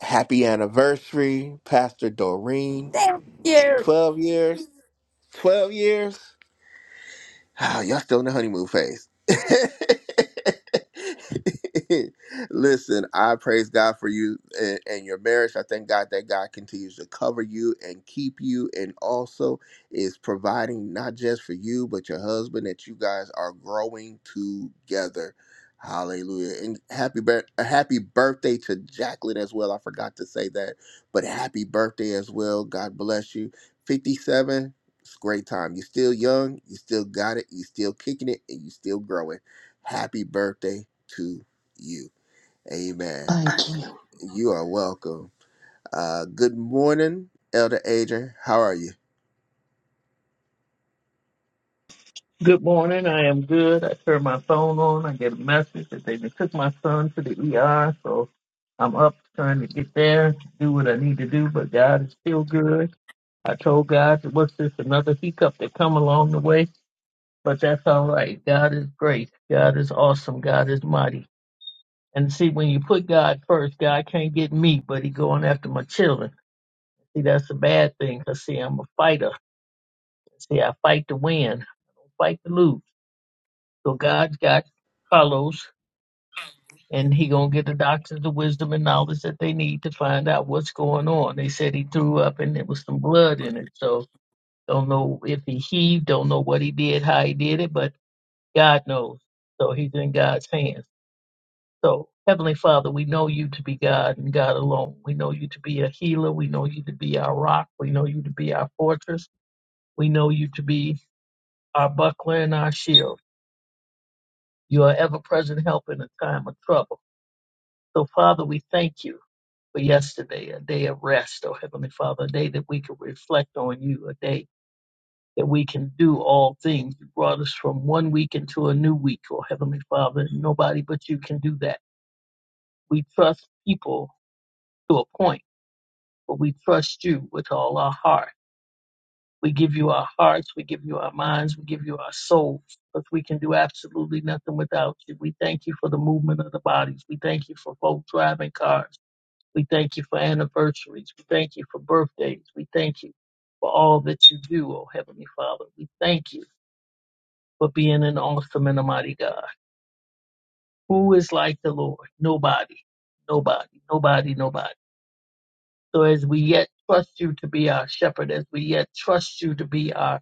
Speaker 1: Happy anniversary, Pastor Doreen.
Speaker 4: Thank you.
Speaker 1: 12 years. 12 years. Ah, y'all still in the honeymoon phase. Listen, I praise God for you and, and your marriage. I thank God that God continues to cover you and keep you, and also is providing not just for you, but your husband that you guys are growing together. Hallelujah. And happy bir- a happy birthday to Jacqueline as well. I forgot to say that, but happy birthday as well. God bless you. 57. It's a great time. You're still young, you still got it, you still kicking it, and you still growing. Happy birthday to you. Amen.
Speaker 2: Thank you.
Speaker 1: You are welcome. Uh, good morning, Elder Adrian. How are you?
Speaker 5: Good morning. I am good. I turned my phone on. I get a message that they done took my son to the ER. So I'm up trying to get there, do what I need to do. But God is still good. I told God, what's this, another hiccup that come along the way? But that's all right. God is great. God is awesome. God is mighty. And see, when you put God first, God can't get me, but he going after my children. See, that's a bad thing. 'Cause see, I'm a fighter. See, I fight to win, I fight to lose. So God's got Carlos. and he gonna get the doctors the wisdom and knowledge that they need to find out what's going on. They said he threw up and there was some blood in it, so don't know if he heaved, don't know what he did, how he did it, but God knows. So he's in God's hands. So Heavenly Father, we know you to be God and God alone. We know you to be a healer. We know you to be our rock. We know you to be our fortress. We know you to be our buckler and our shield. You are ever present help in a time of trouble. So Father, we thank you. for yesterday, a day of rest, oh Heavenly Father, a day that we can reflect on you, a day that we can do all things. You brought us from one week into a new week, oh Heavenly Father, and nobody but you can do that. We trust people to a point, but we trust you with all our heart. We give you our hearts, we give you our minds, we give you our souls, because we can do absolutely nothing without you. We thank you for the movement of the bodies. We thank you for folks driving cars. We thank you for anniversaries. We thank you for birthdays. We thank you for all that you do, O Heavenly Father. We thank you for being an awesome and a mighty God. Who is like the Lord? Nobody, nobody, nobody, nobody. So as we yet trust you to be our shepherd, as we yet trust you to be our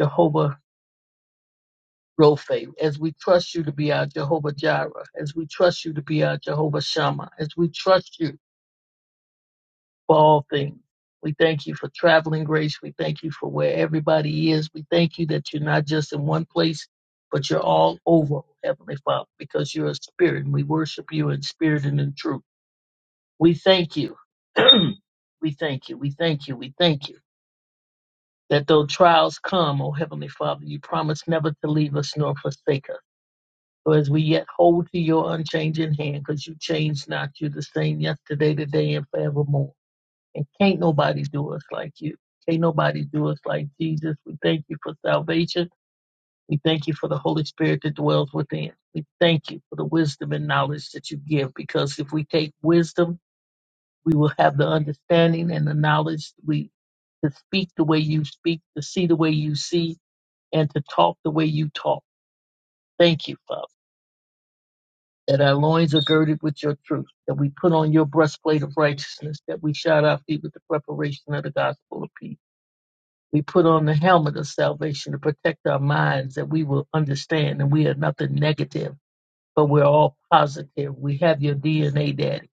Speaker 5: Jehovah Rophe, as we trust you to be our Jehovah Jireh, as we trust you to be our Jehovah Shammah, as we trust you for all things. We thank you for traveling grace. We thank you for where everybody is. We thank you that you're not just in one place, but you're all over, Heavenly Father, because you're a spirit and we worship you in spirit and in truth. We thank you. we thank you. We thank you. We thank you that though trials come, O Heavenly Father, you promise never to leave us nor forsake us. So as we yet hold to your unchanging hand, because you change not, you're the same yesterday, today, and forevermore. And can't nobody do us like you. Can't nobody do us like Jesus. We thank you for salvation. We thank you for the Holy Spirit that dwells within. We thank you for the wisdom and knowledge that you give because if we take wisdom, we will have the understanding and the knowledge we to speak the way you speak, to see the way you see, and to talk the way you talk. Thank you, Father, that our loins are girded with your truth, that we put on your breastplate of righteousness, that we shod our feet with the preparation of the gospel of peace. We put on the helmet of salvation to protect our minds that we will understand and we are nothing negative, but we're all positive. We have your DNA, Daddy,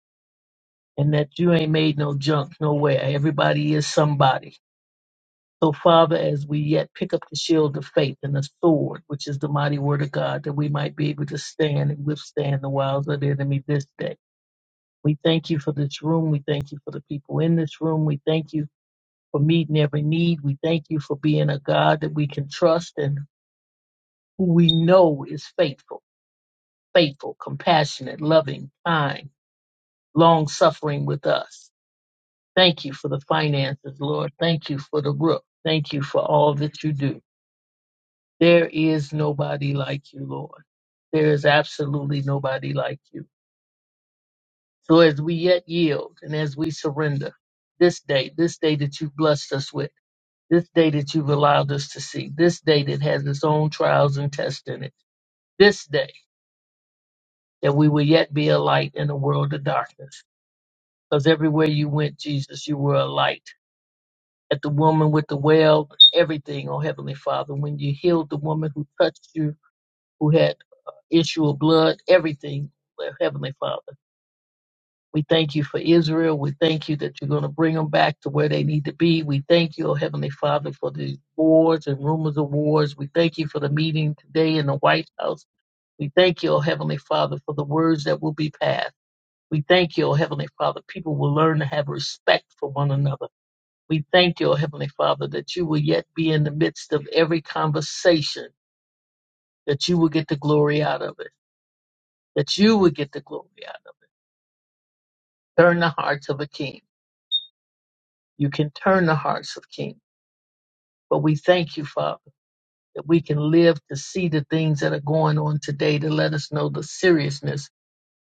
Speaker 5: and that you ain't made no junk nowhere. Everybody is somebody. So, Father, as we yet pick up the shield of faith and the sword, which is the mighty word of God, that we might be able to stand and withstand the wiles of the enemy this day. We thank you for this room. We thank you for the people in this room. We thank you for meeting every need. We thank you for being a God that we can trust and who we know is faithful, faithful, compassionate, loving, kind, long suffering with us. Thank you for the finances, Lord. Thank you for the roof. Thank you for all that you do. There is nobody like you, Lord. There is absolutely nobody like you. So as we yet yield and as we surrender this day, this day that you've blessed us with, this day that you've allowed us to see, this day that has its own trials and tests in it, this day that we will yet be a light in a world of darkness. Because everywhere you went, Jesus, you were a light. At the woman with the well, everything, oh Heavenly Father, when you healed the woman who touched you, who had issue of blood, everything, oh, Heavenly Father. We thank you for Israel. We thank you that you're going to bring them back to where they need to be. We thank you, oh Heavenly Father, for these wars and rumors of wars. We thank you for the meeting today in the White House. We thank you, oh Heavenly Father, for the words that will be passed. We thank you, O Heavenly Father. People will learn to have respect for one another. We thank you, O Heavenly Father, that you will yet be in the midst of every conversation, that you will get the glory out of it, that you will get the glory out of it. Turn the hearts of a king. You can turn the hearts of kings. But we thank you, Father, that we can live to see the things that are going on today to let us know the seriousness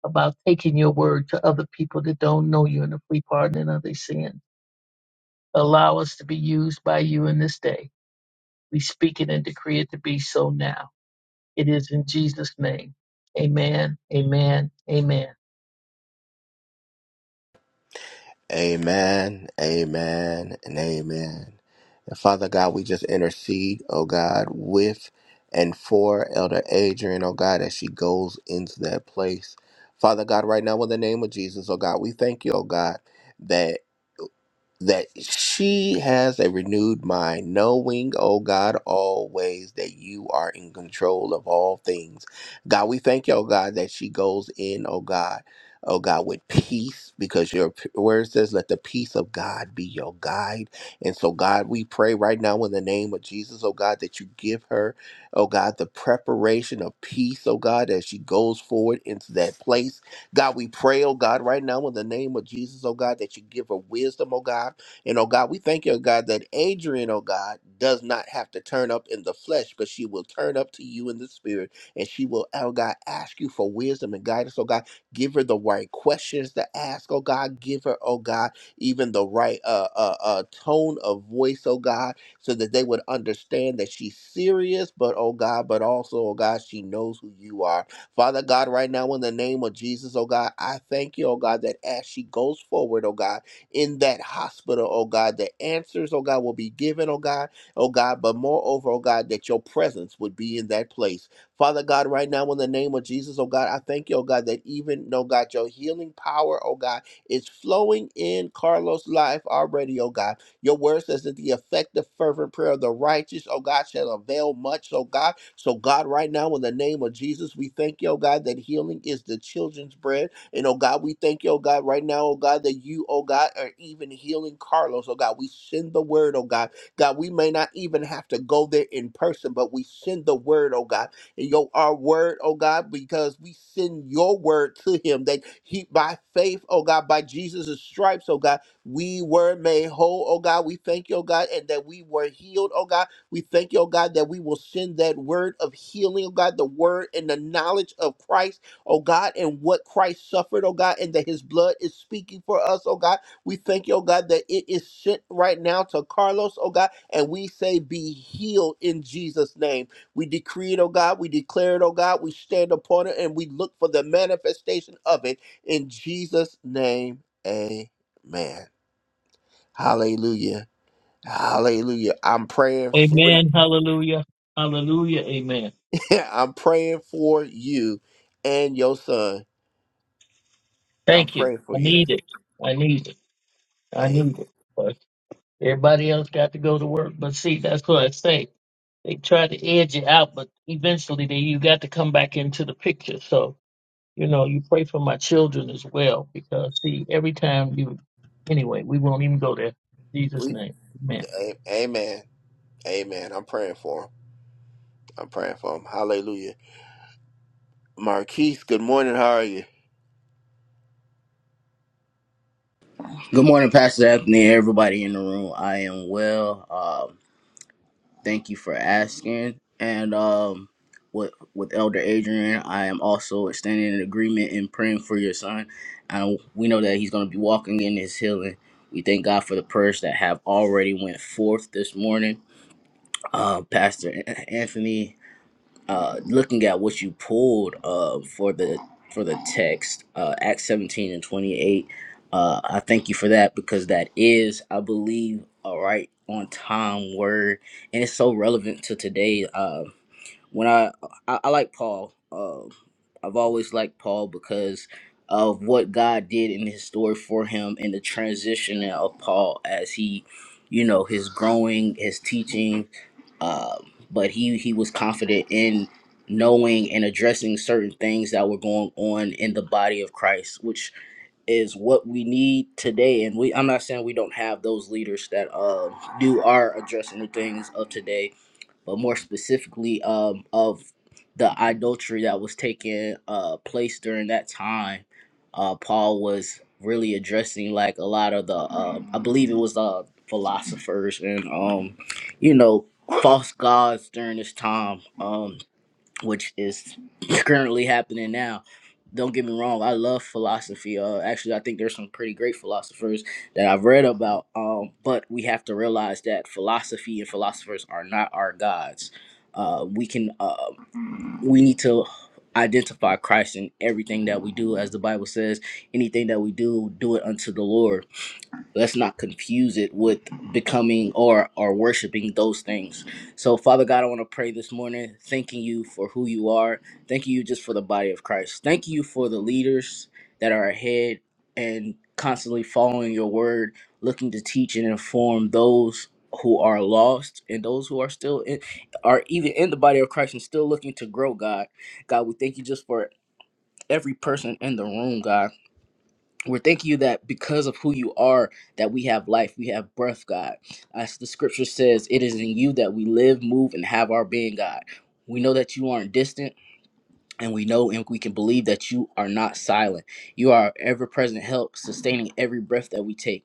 Speaker 5: about taking your word to other people that don't know you and the free pardon of their sin. Allow us to be used by you in this day. We speak it and decree it to be so now. It is in Jesus' name. Amen. Amen. Amen.
Speaker 1: Amen, amen, and amen. And Father God, we just intercede, oh God, with and for Elder Adrian, oh God, as she goes into that place. Father God, right now, in the name of Jesus, oh God, we thank you, oh God. that. that she has a renewed mind, knowing, oh God, always that you are in control of all things. God, we thank you, oh God, that she goes in, oh God, oh God, with peace, because your p- word says, let the peace of God be your guide. And so, God, we pray right now in the name of Jesus, oh God, that you give her, oh God, the preparation of peace, oh God, as she goes forward into that place God, we pray, oh God, right now in the name of Jesus, oh God, that you give her wisdom, oh God. And oh God, we thank you, oh God, that Adrian, oh God, does not have to turn up in the flesh, but she will turn up to you in the spirit. And she will, oh God, ask you for wisdom and guidance, oh God. Give her the right questions to ask, oh God. Give her, oh God, even the right uh, uh, uh, tone of voice, oh God, so that they would understand that she's serious, but oh God, but also, oh God, she knows who you are. Father God, right now in the name of Jesus, oh God, I thank you, oh God, that as she goes forward, oh God, in that hospital, oh God, the answers, oh God, will be given, oh God, oh God, but moreover, oh God, that your presence would be in that place. Father God, right now in the name of Jesus, oh God, I thank you, oh God, that even, oh God, your healing power, oh God, is flowing in Carlos' life already, oh God your word says that the effective, fervent prayer of the righteous, oh God, shall avail much, oh God. So, God, right now, in the name of Jesus, we thank you, oh God, that healing is the children's bread. And, oh God, we thank you, oh God, right now, oh God, that you, oh God, are even healing Carlos, oh God. We send the word, oh God. God, we may not even have to go there in person, but we send the word, oh God and your our word, oh God, because we send your word to him that he by faith, oh God, by Jesus' stripes, oh God we were made whole, oh God. We thank you, oh God, and that we were healed, oh God. We thank you, oh God, that we will send that word of healing, oh God, the word and the knowledge of Christ, oh God, and what Christ suffered, oh God, and that his blood is speaking for us, oh God. We thank you, oh God, that it is sent right now to Carlos, oh God, and we say, be healed in Jesus' name. We decree it, oh God. We declare it, oh God. We stand upon it and we look for the manifestation of it in Jesus' name. Amen. Hallelujah. Hallelujah. I'm praying for
Speaker 5: Amen.
Speaker 1: you.
Speaker 5: Hallelujah. Hallelujah. Amen.
Speaker 1: I'm praying for you and your son. I'm
Speaker 5: Thank you.
Speaker 1: praying for
Speaker 5: I
Speaker 1: you.
Speaker 5: need it. I need it. I
Speaker 1: A-
Speaker 5: need it. But everybody else got to go to work. But see, that's what I say. They try to edge it out, but eventually they, you got to come back into the picture. So, you know, you pray for my children as well because see, every time you anyway, we won't even go there. In Jesus'
Speaker 1: we-
Speaker 5: name. Amen.
Speaker 1: a- Amen. Amen. I'm praying for him. I'm praying for him. Hallelujah. Marquise, good morning. How are you?
Speaker 6: Good morning, Pastor Anthony, everybody in the room. I am well. Um, thank you for asking. And um, with with Elder Adrian, I am also standing in agreement and praying for your son. And we know that he's going to be walking in his healing. We thank God for the prayers that have already went forth this morning. Uh, Pastor Anthony uh, looking at what you pulled uh, for the for the text uh, acts 17 and 28 uh, i thank you for that because that is i believe a right on time word and it's so relevant to today Uh, when I I, I like Paul. Um, I've always liked Paul because of what God did in his story for him and the transition of Paul as he, you know, his growing, his teaching, um, but he he was confident in knowing and addressing certain things that were going on in the body of Christ, which is what we need today. And we I'm not saying we don't have those leaders that uh, do are addressing the things of today, but more specifically um, of the idolatry that was taking uh, place during that time. Uh, Paul was really addressing like a lot of the, um, I believe it was uh, philosophers and um, you know false gods during this time. Um, which is currently happening now. Don't get me wrong, I love philosophy. Uh, actually, I think there's some pretty great philosophers that I've read about. Um, but we have to realize that philosophy and philosophers are not our gods. Uh, we can, uh, we need to identify Christ in everything that we do, as the Bible says. Anything that we do, do it unto the Lord let's not confuse it with becoming or or worshiping those things so father god i want to pray this morning thanking you for who you are thanking you just for the body of christ thank you for the leaders that are ahead and constantly following your word looking to teach and inform those who are lost and those who are still in, are even in the body of christ and still looking to grow god god we thank you just for every person in the room god we're thanking you that because of who you are that we have life we have breath god as the scripture says it is in you that we live move and have our being god we know that you aren't distant and we know and we can believe that you are not silent. You are our ever present help, sustaining every breath that we take.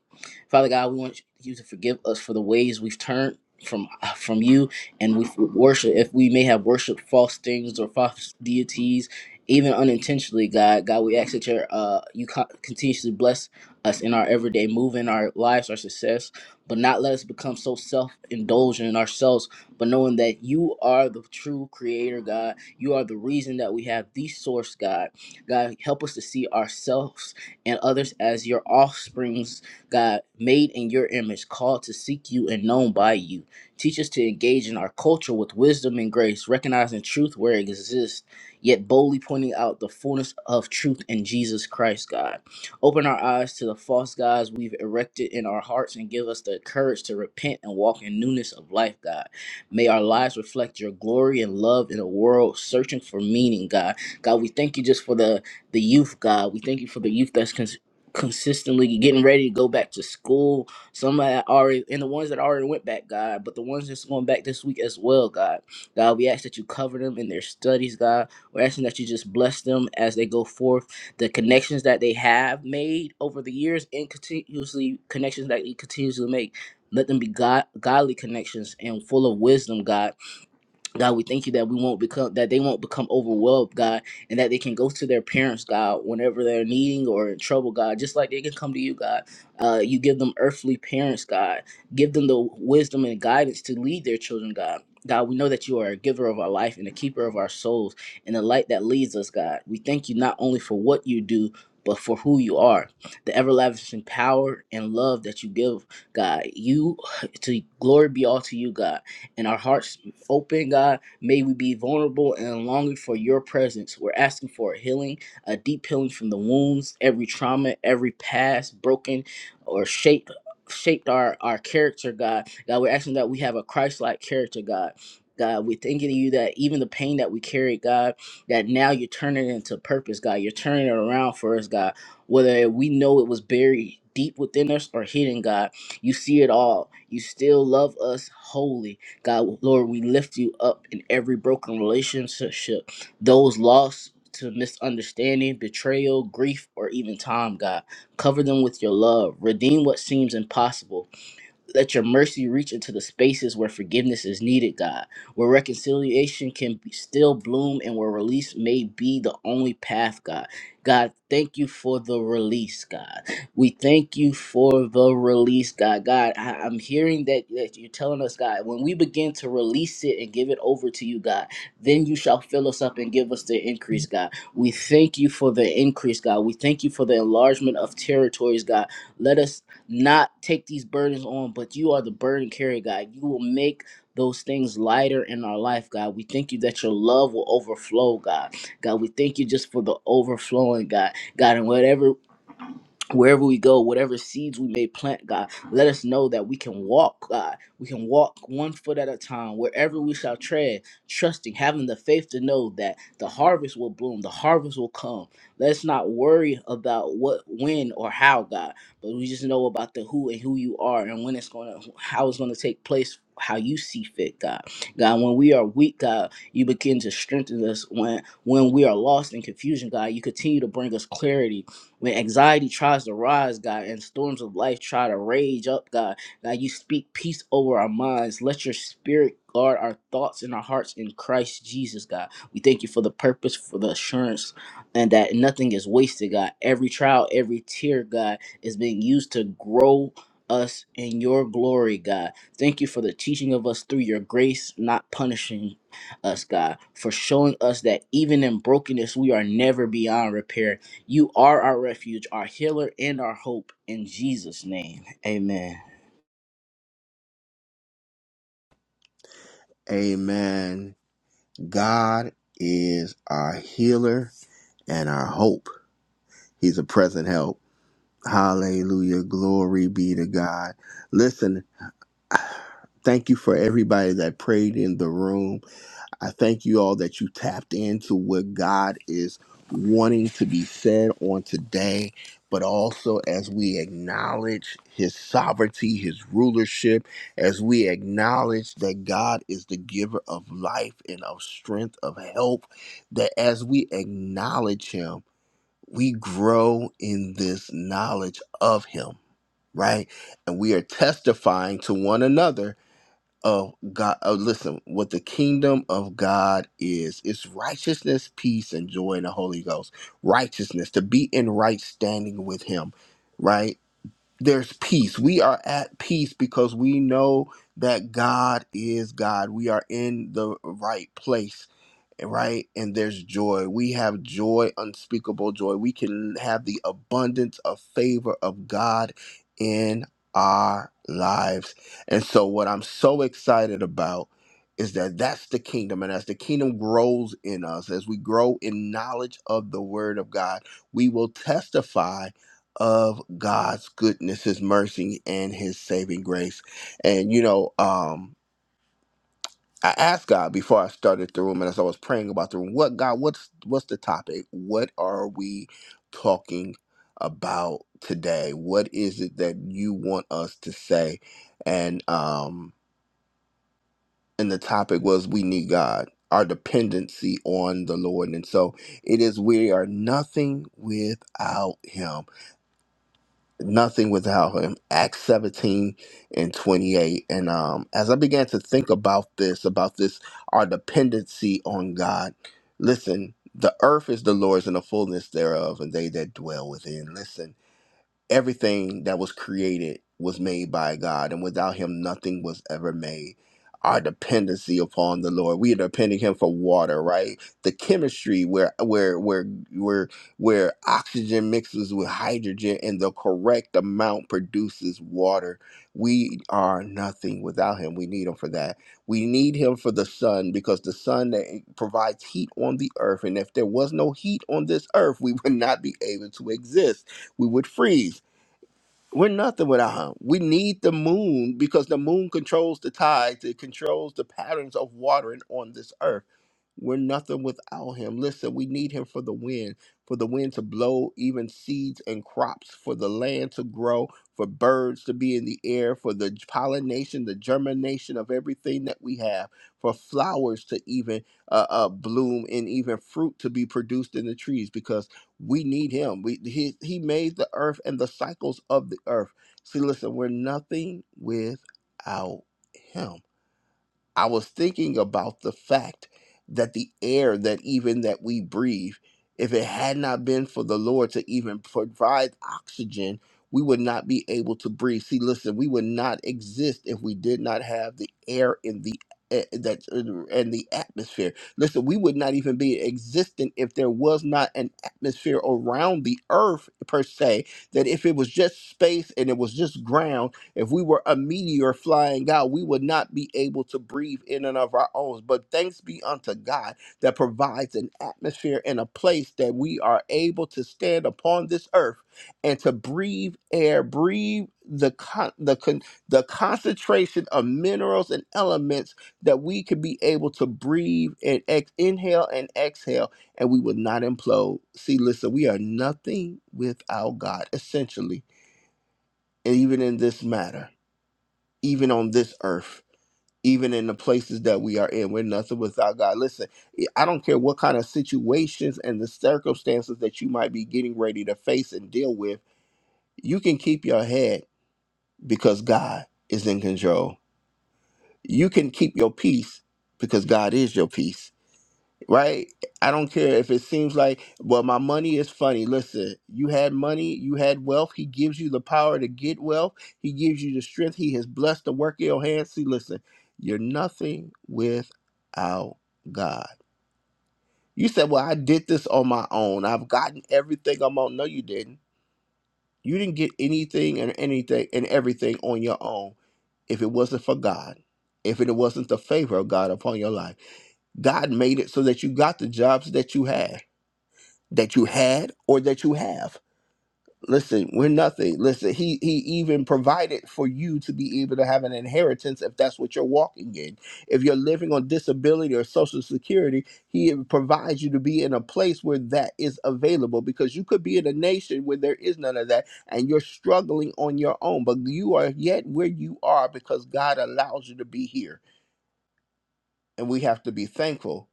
Speaker 6: Father God, we want you to forgive us for the ways we've turned from uh, from you and we worship if we may have worshiped false things or false deities even unintentionally god god we ask that your uh you co- continuously bless us in our everyday move in our lives our success but not let us become so self-indulgent in ourselves but knowing that you are the true creator god you are the reason that we have the source, God. God, help us to see ourselves and others as your offsprings, God, made in your image, called to seek you and known by you. Teach us to engage in our culture with wisdom and grace, recognizing truth where it exists, yet boldly pointing out the fullness of truth in Jesus Christ, God. Open our eyes to the false gods we've erected in our hearts and give us the courage to repent and walk in newness of life, God. May our lives reflect your glory and love in a world searching for meaning, God. God, we thank you just for the the youth, God. We thank you for the youth that's cons- consistently getting ready to go back to school. Some that already and the ones that already went back, God, but the ones that's going back this week as well, God. God, we ask that you cover them in their studies, God. We're asking that you just bless them as they go forth the connections that they have made over the years and continuously connections that you continuously make. Let them be God, godly connections and full of wisdom, God. God, we thank you that we won't become that they won't become overwhelmed, God, and that they can go to their parents, God, whenever they're needing or in trouble, God, just like they can come to you, God. Uh, you give them earthly parents, God. Give them the wisdom and guidance to lead their children, God. God, we know that you are a giver of our life and a keeper of our souls and the light that leads us, God. We thank you not only for what you do, but for who you are, the everlasting power and love that you give, God. You to glory be all to you, God and our hearts open, God. May we be vulnerable and longing for your presence. We're asking for a healing, a deep healing from the wounds, every trauma, every past broken or shaped shaped our our character, God. God, we're asking that we have a Christ-like character, God. God, we're thanking you that even the pain that we carry, God, that now you're turning it into purpose, God. You're turning it around for us, God. Whether we know it was buried deep within us or hidden, God, you see it all. You still love us wholly. God, Lord, we lift you up in every broken relationship, those lost to misunderstanding, betrayal, grief, or even time, God. Cover them with your love. Redeem what seems impossible. Let your mercy reach into the spaces where forgiveness is needed, God, where reconciliation can be still bloom and where release may be the only path, God. God, thank you for the release, God. We thank you for the release, God. God, I, I'm hearing that, that you're telling us, God, when we begin to release it and give it over to you, God, then you shall fill us up and give us the increase, God. We thank you for the increase, God. We thank you for the enlargement of territories, God. Let us not take these burdens on, but you are the burden carrier, God. You will make those things lighter in our life, God. We thank you that your love will overflow, God. God, we thank you just for the overflowing, God. God, and whatever wherever we go, whatever seeds we may plant, God, let us know that we can walk, God. We can walk one foot at a time, wherever we shall tread, trusting, having the faith to know that the harvest will bloom, the harvest will come. Let's not worry about what, when, or how, God, but we just know about the who and who you are and when it's going to, how it's going to take place. How you see fit, God. God, when we are weak, God, you begin to strengthen us. When when we are lost in confusion, God, you continue to bring us clarity when anxiety tries to rise, God, and storms of life try to rage up, God, God, you speak peace over our minds. Let your spirit guard our thoughts and our hearts in Christ Jesus, God. We thank you for the purpose, for the assurance, and that nothing is wasted, God. Every trial, every tear, God, is being used to grow us in your glory, God. Thank you for the teaching of us through your grace, not punishing us, God, for showing us that even in brokenness, we are never beyond repair you are our refuge, our healer, and our hope in Jesus' name. Amen.
Speaker 1: Amen. God is our healer and our hope. He's a present help. Hallelujah. Glory be to God. Listen, thank you for everybody that prayed in the room. I thank you all that you tapped into what God is wanting to be said on today, but also as we acknowledge His sovereignty, His rulership, as we acknowledge that God is the giver of life and of strength, of help, that as we acknowledge Him, we grow in this knowledge of Him, right? And we are testifying to one another of God. Uh, listen, what the kingdom of God is, it's righteousness, peace, and joy in the Holy Ghost. Righteousness, to be in right standing with Him, right? There's peace. We are at peace because we know that God is God. We are in the right place right? And there's joy. We have joy, unspeakable joy. We can have the abundance of favor of God in our lives. And so, what I'm so excited about is that that's the kingdom. And as the kingdom grows in us, as we grow in knowledge of the word of God, we will testify. Of God's goodness, His mercy, and His saving grace, and you know, um, I asked God before I started the room and as I was praying about the room, what God, what's what's the topic? What are we talking about today? What is it that you want us to say? And um and the topic was we need God, our dependency on the Lord. And so it is we are nothing without him nothing without him. Acts 17 and 28. And um, as I began to think about this, about this, our dependency on God, listen, the earth is the Lord's and the fullness thereof, and they that dwell within. Listen everything that was created was made by God, and without Him, nothing was ever made. Our dependency upon the Lord. We are depending Him for water, right? The chemistry where where where where where oxygen mixes with hydrogen and the correct amount produces water. We are nothing without Him. We need Him for that. We need Him for the sun because the sun that eh, provides heat on the earth. And if there was no heat on this earth, we would not be able to exist we would freeze. We're nothing without him. We need the moon because the moon controls the tides, it controls the patterns of watering on this earth. We're nothing without him. Listen, we need him for the wind, for the wind to blow even seeds and crops, for the land to grow, for birds to be in the air, for the pollination, the germination of everything that we have, for flowers to even uh, uh, bloom and even fruit to be produced in the trees because we need him. We he, he made the earth and the cycles of the earth. See, listen, we're nothing without him. I was thinking about the fact that the air that even that we breathe, if it had not been for the Lord to even provide oxygen, we would not be able to breathe. See, listen, we would not exist if we did not have the air in the eh, that and the atmosphere. Listen, we would not even be existent if there was not an atmosphere around the earth per se. That if it was just space and it was just ground if we were a meteor flying out, we would not be able to breathe in and of our own. But thanks be unto God that provides an atmosphere and a place that we are able to stand upon this earth and to breathe air, breathe the con- the con- the concentration of minerals and elements that we could be able to breathe and ex- inhale and exhale, and we would not implode. See, listen, we are nothing without God, essentially, and even in this matter even on this earth, even in the places that we are in. We're nothing without God. Listen, I don't care what kind of situations and the circumstances that you might be getting ready to face and deal with, you can keep your head because God is in control. You can keep your peace because God is your peace right? I don't care if it seems like, well, my money is funny. Listen, you had money, you had wealth. He gives you the power to get wealth. He gives you the strength. He has blessed the work of your hands. See, listen, you're nothing without God. You said, well, I did this on my own. I've gotten everything I'm on. No, you didn't. You didn't get anything and anything and everything on your own if it wasn't for God, if it wasn't the favor of God upon your life. God made it so that you got the jobs that you had that you had or that you have. Listen, we're nothing. Listen, he he even provided for you to be able to have an inheritance if that's what you're walking in. If you're living on disability or social security, he provides you to be in a place where that is available because you could be in a nation where there is none of that and you're struggling on your own, but you are yet where you are because God allows you to be here. And we have to be thankful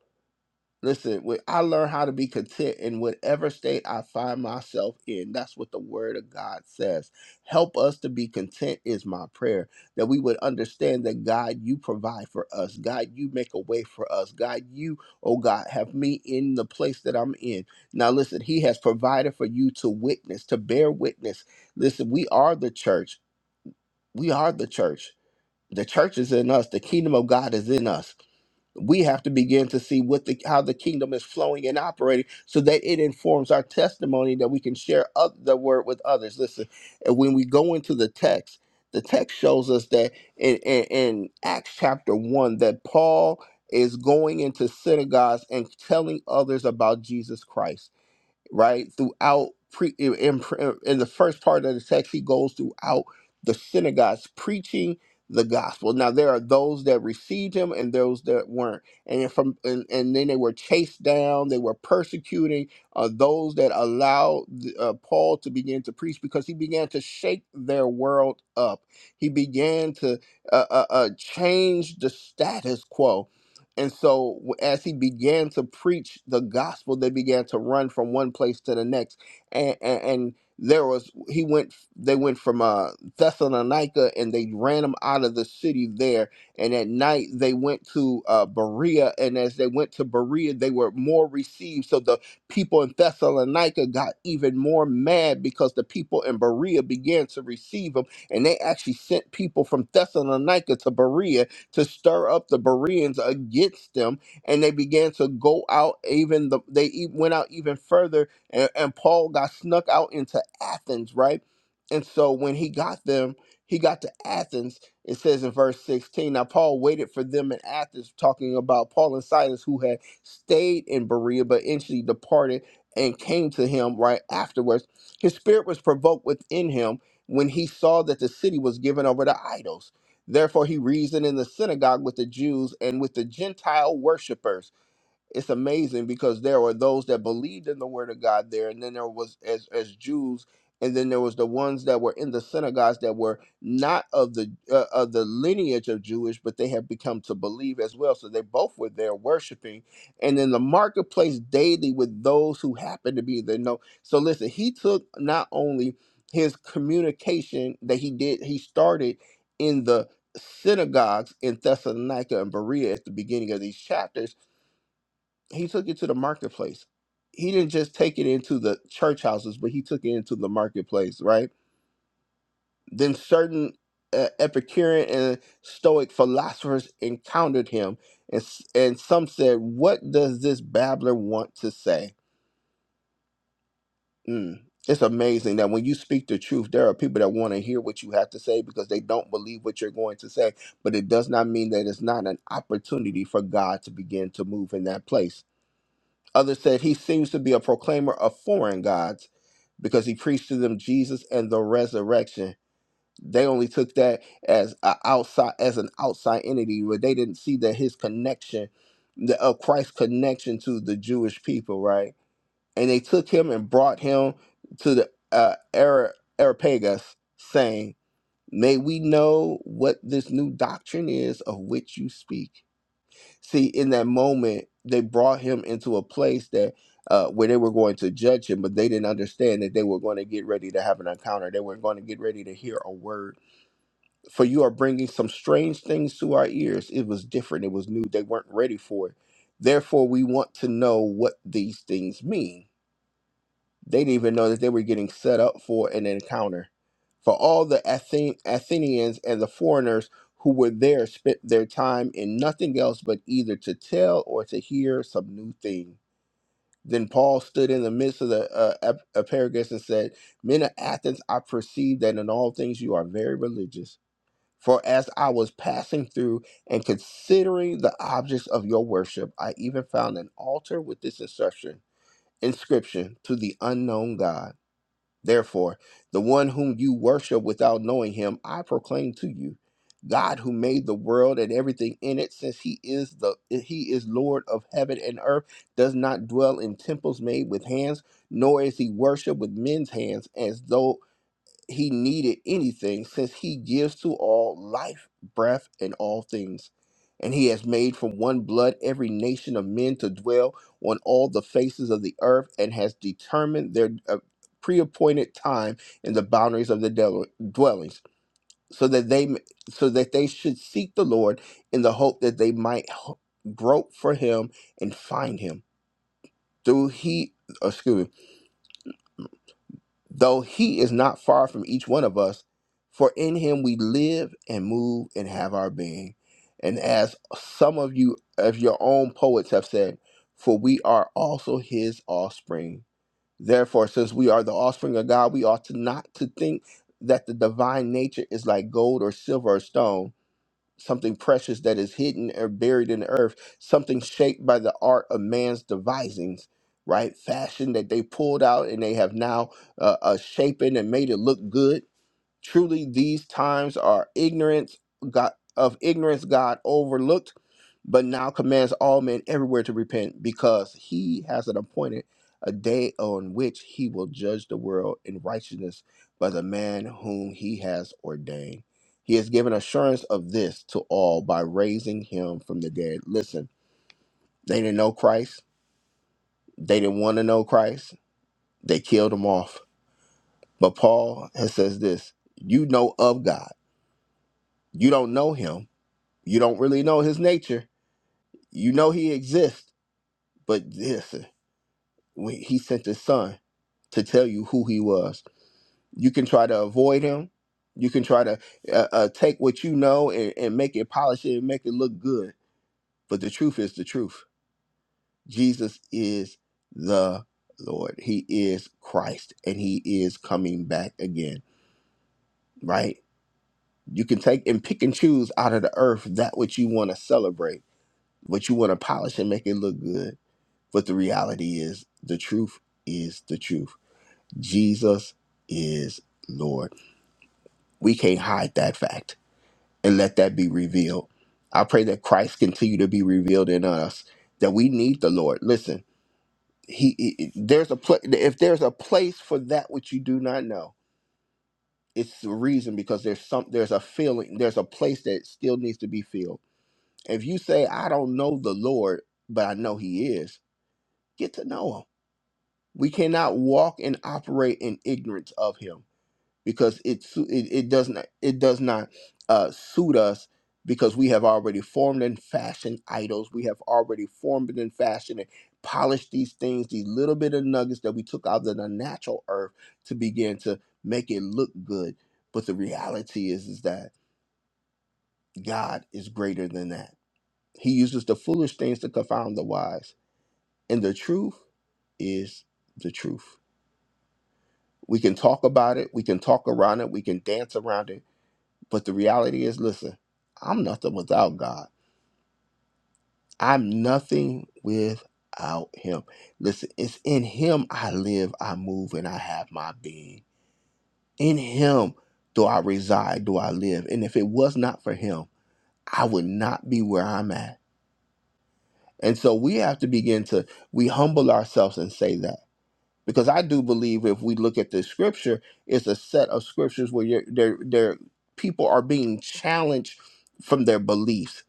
Speaker 1: Listen, when I learned how to be content in whatever state I find myself in, that's what the word of God says. Help us to be content is my prayer. That we would understand that God, you provide for us. God, you make a way for us. God, you, oh God, have me in the place that I'm in. Now listen, he has provided for you to witness, to bear witness. Listen, we are the church. We are the church. The church is in us. The kingdom of God is in us we have to begin to see what the how the kingdom is flowing and operating so that it informs our testimony that we can share oth- the word with others listen and when we go into the text the text shows us that in, in, in acts chapter 1 that paul is going into synagogues and telling others about jesus christ right? Throughout pre in, in pre- in the first part of the text, he goes throughout the synagogues preaching the gospel. Now there are those that received him and those that weren't, and from and, and then they were chased down. They were persecuting uh, those that allowed uh, Paul to begin to preach because he began to shake their world up. He began to uh, uh, uh, change the status quo and so, w- as he began to preach the gospel, they began to run from one place to the next, and and, and there was he went. They went from uh, Thessalonica, and they ran him out of the city there. And at night, they went to uh, Berea, and as they went to Berea, they were more received. So the people in Thessalonica got even more mad because the people in Berea began to receive him, and they actually sent people from Thessalonica to Berea to stir up the Bereans against them, and they began to go out even the they e- went out even further, and, and Paul got snuck out into Athens, right? And so when he got them, he got to Athens. It says in verse 16. Now Paul waited for them in Athens, talking about Paul and Silas who had stayed in Berea, but eventually departed and came to him right afterwards. His spirit was provoked within him when he saw that the city was given over to idols Therefore, he reasoned in the synagogue with the Jews and with the Gentile worshippers it's amazing because there were those that believed in the word of God there, and then there was as as Jews, and then there was the ones that were in the synagogues that were not of the uh, of the lineage of Jewish, but they had become to believe as well. So they both were there worshiping, and in the marketplace daily with those who happened to be there. No, so listen, he took not only his communication that he did, he started in the synagogues in Thessalonica and Berea at the beginning of these chapters he took it to the marketplace. He didn't just take it into the church houses, but he took it into the marketplace, right? Then certain uh, Epicurean and Stoic philosophers encountered him, and s- and some said, "What does this babbler want to say?" Mm. It's amazing that when you speak the truth, there are people that want to hear what you have to say because they don't believe what you're going to say. But it does not mean that it's not an opportunity for God to begin to move in that place Others said he seems to be a proclaimer of foreign gods because he preached to them Jesus and the resurrection. They only took that as a outside as an outside entity, but they didn't see that his connection, the of Christ's connection to the Jewish people, right? And they took him and brought him to the uh, Ara- Areopagus, saying, "May we know what this new doctrine is of which you speak." see in that moment they brought him into a place that uh, where they were going to judge him but they didn't understand that they were going to get ready to have an encounter they were going to get ready to hear a word for you are bringing some strange things to our ears it was different it was new they weren't ready for it therefore we want to know what these things mean they didn't even know that they were getting set up for an encounter. For all the Athen- Athenians and the foreigners who were there spent their time in nothing else but either to tell or to hear some new thing. Then Paul stood in the midst of the uh, ap- Areopagus and said, Men of Athens, I perceive that in all things you are very religious. For as I was passing through and considering the objects of your worship, I even found an altar with this inscription, inscription to the unknown God. Therefore, the one whom you worship without knowing him, I proclaim to you, God who made the world and everything in it, since he is the he is Lord of heaven and earth, does not dwell in temples made with hands, nor is he worshipped with men's hands as though he needed anything since he gives to all life, breath, and all things. And he has made from one blood every nation of men to dwell on all the faces of the earth and has determined their uh, preappointed time in the boundaries of the del- dwellings so that they m- so that they should seek the Lord in the hope that they might h- grope for him and find him through he excuse me though he is not far from each one of us, for in him we live and move and have our being. And as some of you of your own poets have said, for we are also his offspring. Therefore, since we are the offspring of God, we ought to not to think that the divine nature is like gold or silver or stone something precious that is hidden or buried in the earth, something shaped by the art of man's devisings, right? Fashion that they pulled out and they have now uh, uh, shapen and made it look good Truly, these times are ignorance God, of ignorance God overlooked, but now commands all men everywhere to repent, because He has an appointed a day on which He will judge the world in righteousness by the man whom He has ordained. He has given assurance of this to all by raising Him from the dead. Listen, they didn't know Christ. They didn't want to know Christ. They killed Him off. But Paul has says this: You know of God. You don't know Him You don't really know his nature. You know he exists, but listen, when he sent his son to tell you who he was. You can try to avoid him. You can try to uh, uh, take what you know and, and make it polish it and make it look good. But the truth is the truth. Jesus is the Lord. He is Christ and he is coming back again, right? You can take and pick and choose out of the earth that which you want to celebrate, what you want to polish and make it look good But the reality is, the truth is the truth. Jesus is Lord. We can't hide that fact and let that be revealed. I pray that Christ continue to be revealed in us. That we need the Lord. Listen, he, he- there's a pla if there's a place for that which you do not know, it's the reason because there's some there's a feeling there's a place that still needs to be filled. If you say I don't know the Lord, but I know He is, get to know Him We cannot walk and operate in ignorance of Him because it su- it, it does not it does not uh, suit us because we have already formed and fashioned idols. We have already formed and fashioned and polished these things, these little bit of nuggets that we took out of the natural earth to begin to make it look good. But the reality is is that God is greater than that. He uses the foolish things to confound the wise, and the truth is the truth. We can talk about it, we can talk around it, we can dance around it. But the reality is listen, I'm nothing without God. I'm nothing without Him. Listen, it's in Him I live, I move, and I have my being. In Him do I reside, do I live. And if it was not for Him, I would not be where I'm at. And so we have to begin to we humble ourselves and say that. because I do believe if we look at the scripture, it's a set of scriptures where you're, they're, they're, people are being challenged from their beliefs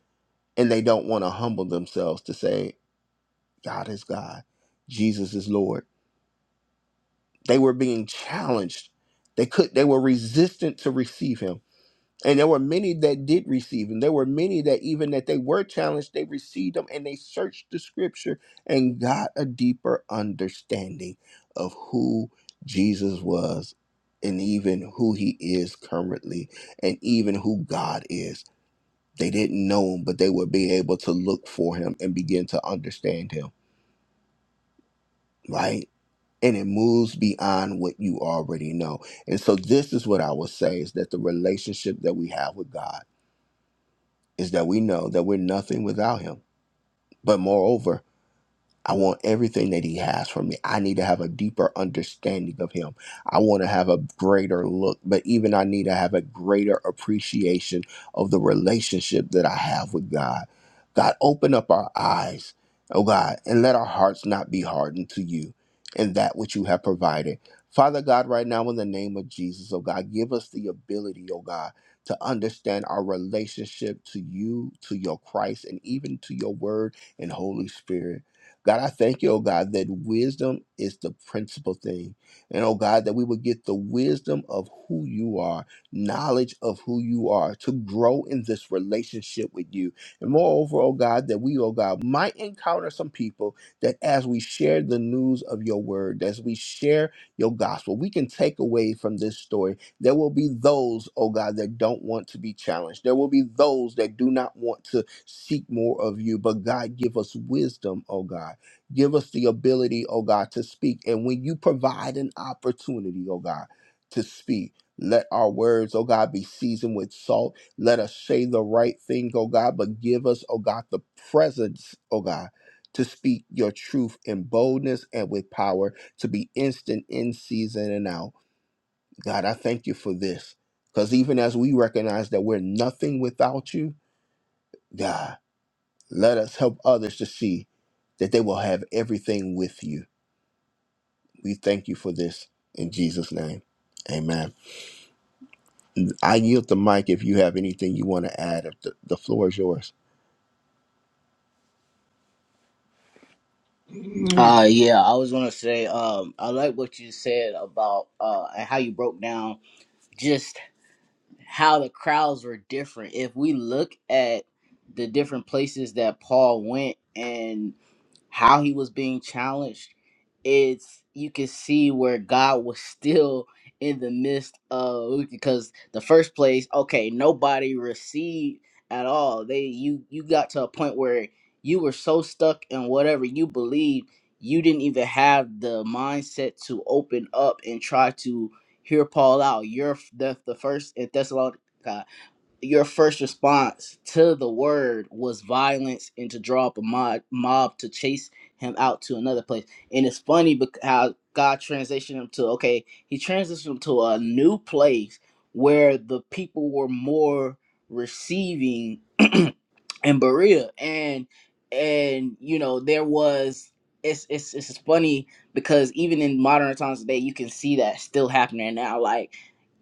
Speaker 1: and they don't want to humble themselves to say, God is God, Jesus is Lord. They were being challenged. They could they were resistant to receive him and there were many that did receive him. There were many that, even that they were challenged, they received them and they searched the scripture and got a deeper understanding of who Jesus was and even who he is currently and even who God is. They didn't know him, but they would be able to look for him and begin to understand him, right? And it moves beyond what you already know. And so, this is what I would say is that the relationship that we have with God is that we know that we're nothing without him. But moreover, I want everything that he has for me. I need to have a deeper understanding of him. I want to have a greater look, but even I need to have a greater appreciation of the relationship that I have with God. God, open up our eyes, oh God, and let our hearts not be hardened to you and that which you have provided. Father God, right now in the name of Jesus, oh God, give us the ability, oh God, to understand our relationship to you, to your Christ, and even to your word and Holy Spirit. God, I thank you, oh God, that wisdom is the principal thing. And oh God, that we would get the wisdom of who you are, knowledge of who you are, to grow in this relationship with you. And moreover, oh God, that we, oh God, might encounter some people that as we share the news of your word, as we share your gospel, we can take away from this story. There will be those, oh God, that don't want to be challenged. There will be those that do not want to seek more of you. But God, give us wisdom, oh God Give us the ability, oh God, to speak. And when you provide an opportunity, oh God, to speak, let our words, oh God, be seasoned with salt. Let us say the right thing, oh God, but give us, oh God, the presence, oh God, to speak your truth in boldness and with power, to be instant in season and out. God, I thank you for this. Because even as we recognize that we're nothing without you, God, let us help others to see that they will have everything with you. We thank you for this in Jesus' name. Amen. I yield the mic if you have anything you want to add. If the, the floor is yours.
Speaker 6: Amen. Uh yeah, I was gonna say, um, I like what you said about uh and how you broke down just how the crowds were different. If we look at the different places that Paul went and. how he was being challenged, it's you can see where God was still in the midst of because the first place, okay, nobody received at all. They you you got to a point where you were so stuck in whatever you believed, you didn't even have the mindset to open up and try to hear Paul out. You're the, the first in Thessalonica your first response to the word was violence and to draw up a mob, mob to chase him out to another place. And it's funny because how God transitioned him to okay, he transitioned him to a new place where the people were more receiving in Berea, and and you know there was it's it's it's funny because even in modern times today, you can see that still happening now. Like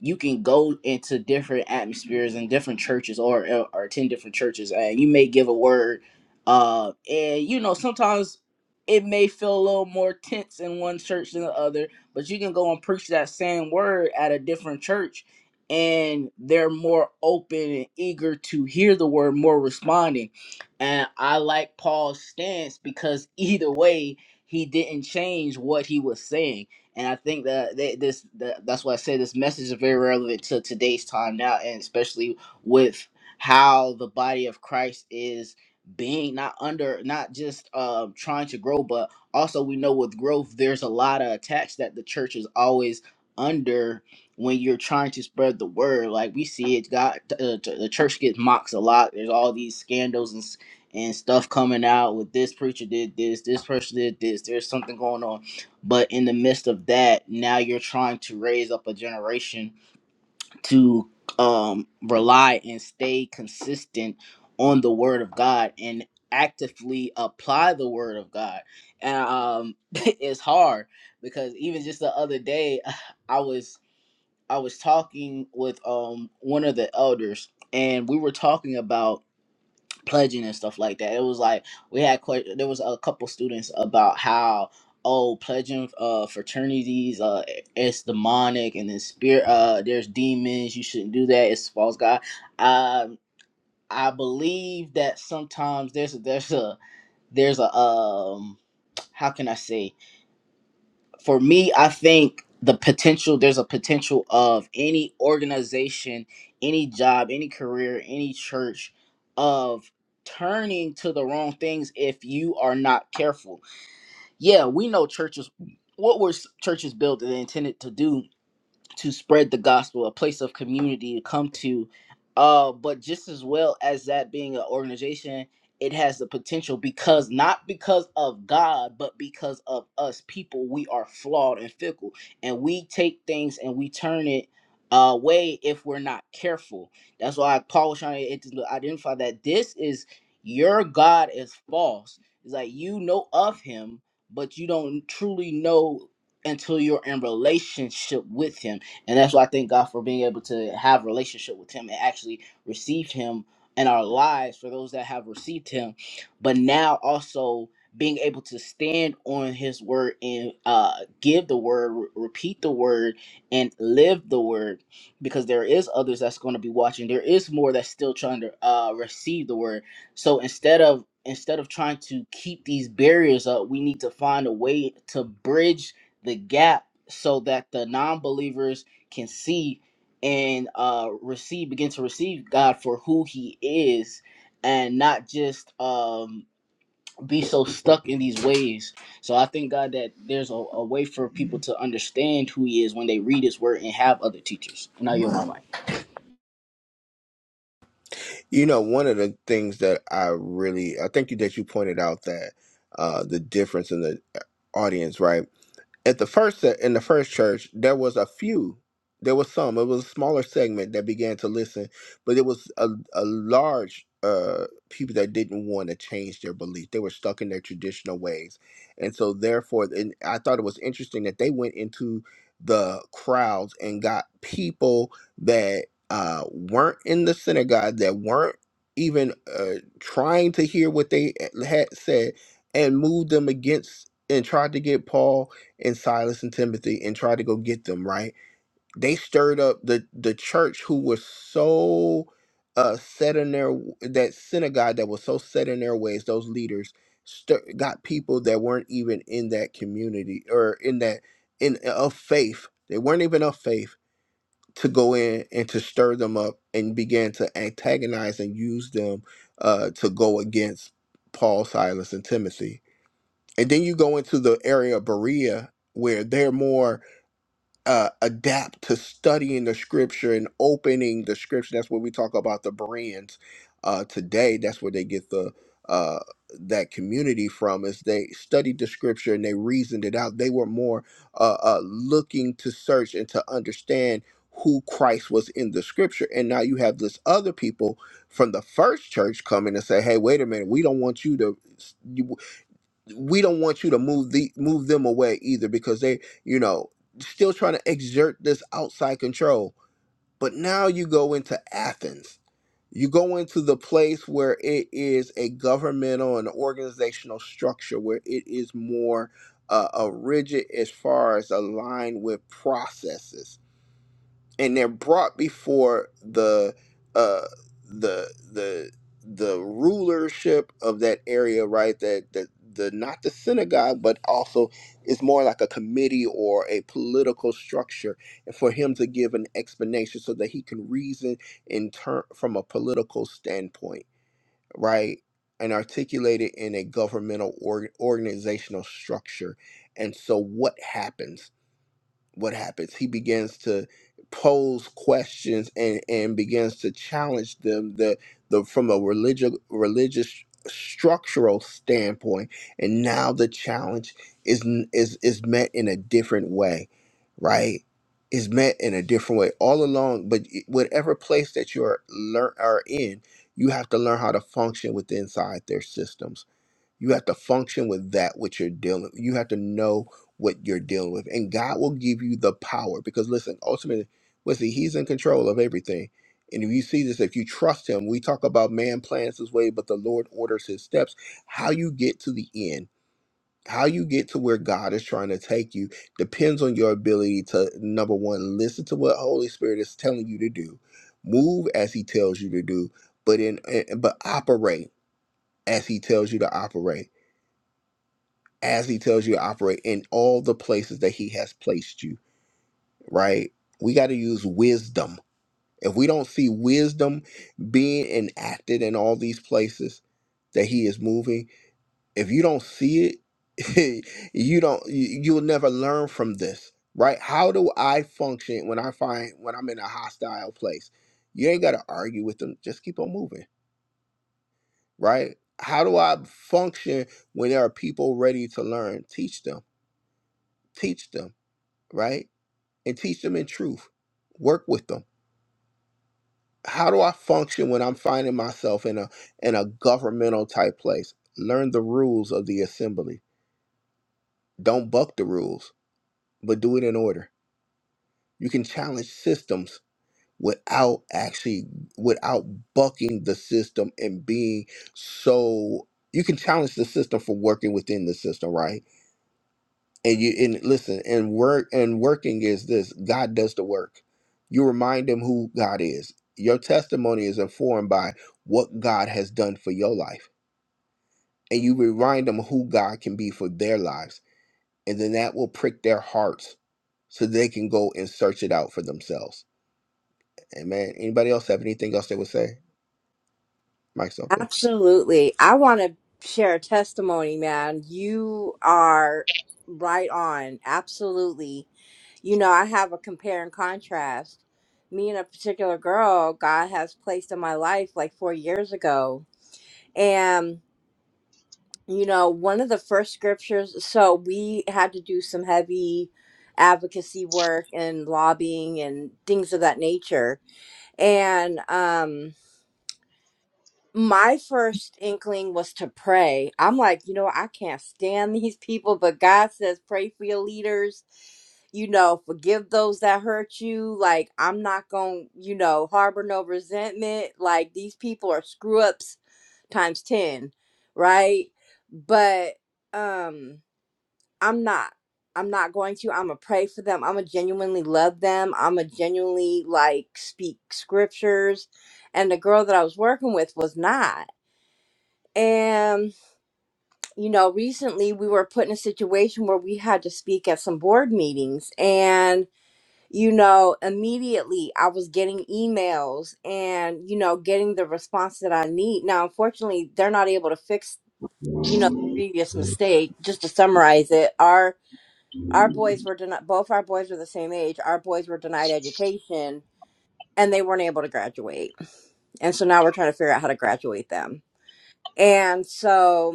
Speaker 6: you can go into different atmospheres and different churches or or attend different churches and you may give a word uh and you know sometimes it may feel a little more tense in one church than the other but you can go and preach that same word at a different church and they're more open and eager to hear the word more responding and i like paul's stance because either way he didn't change what he was saying and I think that they, this that, that's why I say this message is very relevant to today's time now, and especially with how the body of Christ is being not under not just um, trying to grow, but also we know with growth there's a lot of attacks that the church is always under when you're trying to spread the word. Like we see it, God, uh, t- the church gets mocked a lot. There's all these scandals and s- and stuff coming out with this preacher did this, this person did this. There's something going on but in the midst of that now you're trying to raise up a generation to um rely and stay consistent on the word of god and actively apply the word of god and um it's hard because even just the other day i was i was talking with um one of the elders and we were talking about pledging and stuff like that. It was like we had quite there was a couple students about how oh pledging uh fraternities uh it's demonic and it's spirit uh there's demons you shouldn't do that it's false god. Um I believe that sometimes there's there's a there's a um how can I say for me, I think the potential there's a potential of any organization, any job, any career, any church of turning to the wrong things if you are not careful. Yeah, we know churches what were s- churches built and intended to do to spread the gospel, a place of community to come to. Uh, but just as well as that being an organization, it has the potential because not because of God, but because of us people, we are flawed and fickle, and we take things and we turn it away if we're not careful. That's why Paul was trying to ident- identify that this is your God is false. It's like you know of him, but you don't truly know until you're in relationship with him and that's why I thank God for being able to have a relationship with Him and actually receive Him in our lives for those that have received Him, but now also being able to stand on His word and uh, give the word, re- repeat the word, and live the word, because there is others that's going to be watching. There is more that's still trying to uh, receive the word. So instead of instead of trying to keep these barriers up, we need to find a way to bridge the gap so that the non-believers can see and uh receive begin to receive God for who he is and not just um be so stuck in these ways. So I thank God that there's a, a way for people to understand who he is when they read his word and have other teachers. And I yield my mic.
Speaker 1: You know, one of the things that I really, I think that you pointed out that uh, the difference in the audience, right? at the first se- in the first church there was a few there was some it was a smaller segment that began to listen but it was a, a large uh people that didn't want to change their belief they were stuck in their traditional ways and so therefore and i thought it was interesting that they went into the crowds and got people that uh weren't in the synagogue that weren't even uh trying to hear what they eh, had said and moved them against and tried to get paul and Silas and Timothy and tried to go get them, right? They stirred up the the church who was so uh set in their that synagogue that was so set in their ways, those leaders stir, got people that weren't even in that community or in that in uh, of faith. They weren't even of faith to go in and to stir them up and began to antagonize and use them uh to go against Paul, Silas, and Timothy. And then you go into the area of Berea where they're more uh, adapt to studying the scripture and opening the scripture. That's where we talk about the brands uh, today. That's where they get the uh, that community from. Is they studied the scripture and they reasoned it out. They were more uh, uh, looking to search and to understand who Christ was in the scripture. And now you have this other people from the first church coming and say, "Hey, wait a minute. We don't want you to we don't want you to move the move them away either because they you know still trying to exert this outside control but now you go into athens you go into the place where it is a governmental and organizational structure where it is more uh, uh, rigid as far as aligned with processes and they're brought before the uh the the the rulership of that area right that that the not the synagogue but also is more like a committee or a political structure and for him to give an explanation so that he can reason in turn from a political standpoint right and articulate it in a governmental org organizational structure and so what happens what happens he begins to pose questions and and begins to challenge them the the from a religious religious structural standpoint and now the challenge is n- is is met in a different way right is met in a different way all along but it- whatever place that you're learn are in you have to learn how to function with inside their systems you have to function with that which you're dealing. You have to know what you're dealing with, and God will give you the power. Because listen, ultimately, listen, He's in control of everything. And if you see this, if you trust Him, we talk about man plans his way, but the Lord orders his steps. How you get to the end, how you get to where God is trying to take you, depends on your ability to number one, listen to what Holy Spirit is telling you to do, move as He tells you to do, but in eh, but operate as He tells you to operate as he tells you to operate in all the places that he has placed you, right? We got to use wisdom. If we don't see wisdom being enacted in all these places that he is moving, if you don't see it, you don't you- you'll never learn from this, right? How do I function when I find when I'm in a hostile place? You ain't got to argue with them, just keep on moving, right? How do I function when there are people ready to learn? Teach them. Teach them, right? and teach them in truth. Work with them. How do I function when I'm finding myself in a in a governmental type place? Learn the rules of the assembly. Don't buck the rules, but do it in order. You can challenge systems without actually without bucking the system and being so you can challenge the system for working within the system, right? and you and listen and work and working is this god does the work you remind him who god is your testimony is informed by what god has done for your life and you remind them who god can be for their lives and then that will prick their hearts so they can go and search it out for themselves amen anybody else have anything else they would say mike's open
Speaker 7: Absolutely. I want to share a testimony, man. You are right on. Absolutely. You know, I have a compare and contrast. Me and a particular girl God has placed in my life like four years ago. And, you know, one of the first scriptures, so we had to do some heavy advocacy work and lobbying and things of that nature. And, um, my first inkling was to pray. I'm like, you know, I can't stand these people, but God says, pray for your leaders. You know, forgive those that hurt you. Like, I'm not going, to you know, harbor no resentment. Like, these people are screw ups times 10, right? But um I'm not. I'm not going to. I'm going to pray for them. I'm going to genuinely love them. I'm going to genuinely, like, speak scriptures. And the girl that I was working with was not. And, you know, recently we were put in a situation where we had to speak at some board meetings. And, you know, immediately I was getting emails and, you know, getting the response that I need. Now, unfortunately, they're not able to fix, you know, the previous mistake. Just to summarize it, our our boys were denied both our boys were the same age. Our boys were denied education and they weren't able to graduate. And so now we're trying to figure out how to graduate them. And so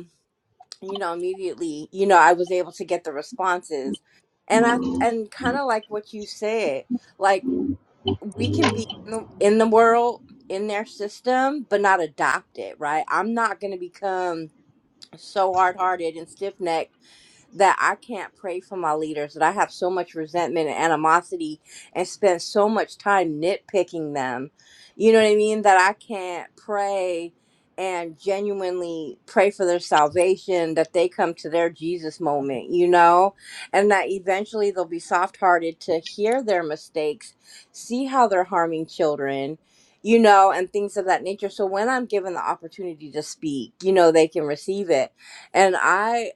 Speaker 7: you know immediately you know i was able to get the responses and i and kind of like what you said like we can be in the, in the world in their system but not adopt it right i'm not going to become so hard-hearted and stiff-necked that I can't pray for my leaders, that I have so much resentment and animosity and spend so much time nitpicking them. You know what I mean? That I can't pray and genuinely pray for their salvation, that they come to their Jesus moment, you know? And that eventually they'll be soft hearted to hear their mistakes, see how they're harming children. You know, and things of that nature. So when I'm given the opportunity to speak, you know, they can receive it and I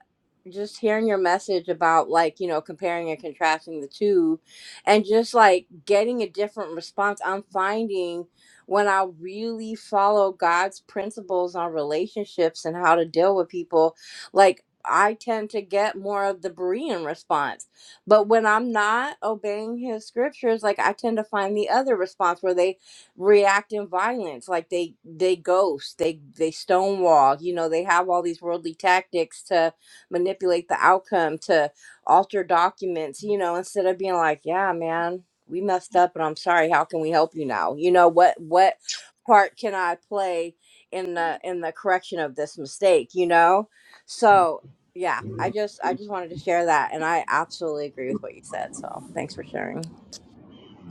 Speaker 7: just hearing your message about like you know comparing and contrasting the two and just like getting a different response i'm finding when i really follow god's principles on relationships and how to deal with people like i tend to get more of the berean response but when i'm not obeying his scriptures like i tend to find the other response where they react in violence like they they ghost they they stonewall you know they have all these worldly tactics to manipulate the outcome to alter documents you know instead of being like yeah man we messed up and i'm sorry how can we help you now you know what what part can i play in the in the correction of this mistake you know so yeah i just i just wanted to share that and i absolutely agree with what you said so thanks for sharing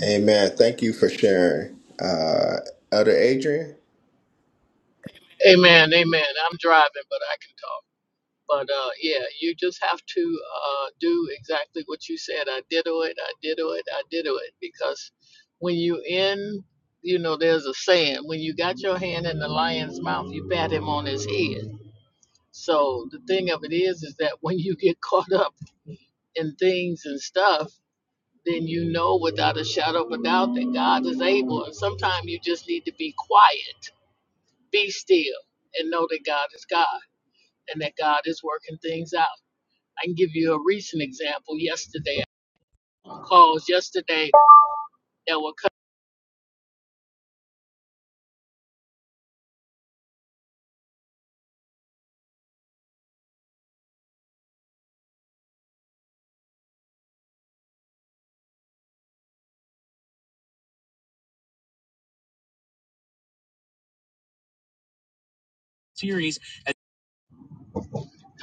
Speaker 1: Amen. Thank you for sharing. Uh, Elder Adrian,
Speaker 5: Amen, amen. I'm driving, but I can talk. But uh, yeah, you just have to uh, do exactly what you said. I did it, I did it, I did it. Because when you in, you know, there's a saying, when you got your hand in the lion's mouth, you pat him on his head. So the thing of it is, is that when you get caught up in things and stuff, then you know without a shadow of a doubt that God is able. And sometimes you just need to be quiet, be still, and know that God is God. and that God is working things out. I can give you a recent example. Yesterday, calls yesterday that were cut series.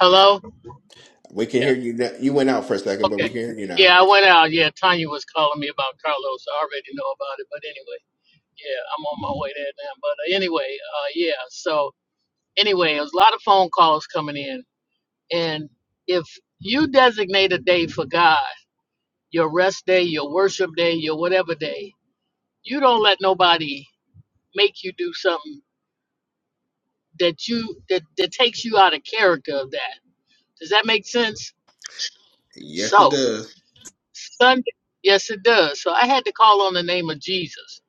Speaker 5: Hello.
Speaker 1: we can
Speaker 5: Yeah.
Speaker 1: hear you. Now. You went out for a second, but we
Speaker 5: Okay.
Speaker 1: can hear you now.
Speaker 5: Yeah, I went out. Yeah, Tanya was calling me about Carlos. I already know about it, but anyway, yeah, I'm on my way there now. But uh, anyway, uh, yeah. So anyway, there's a lot of phone calls coming in, and if you designate a day for God, your rest day, your worship day, your whatever day, you don't let nobody make you do something that you that, that takes you out of character of that. Does that make sense? So Sunday, yes, it does. So I had to call on the name of Jesus.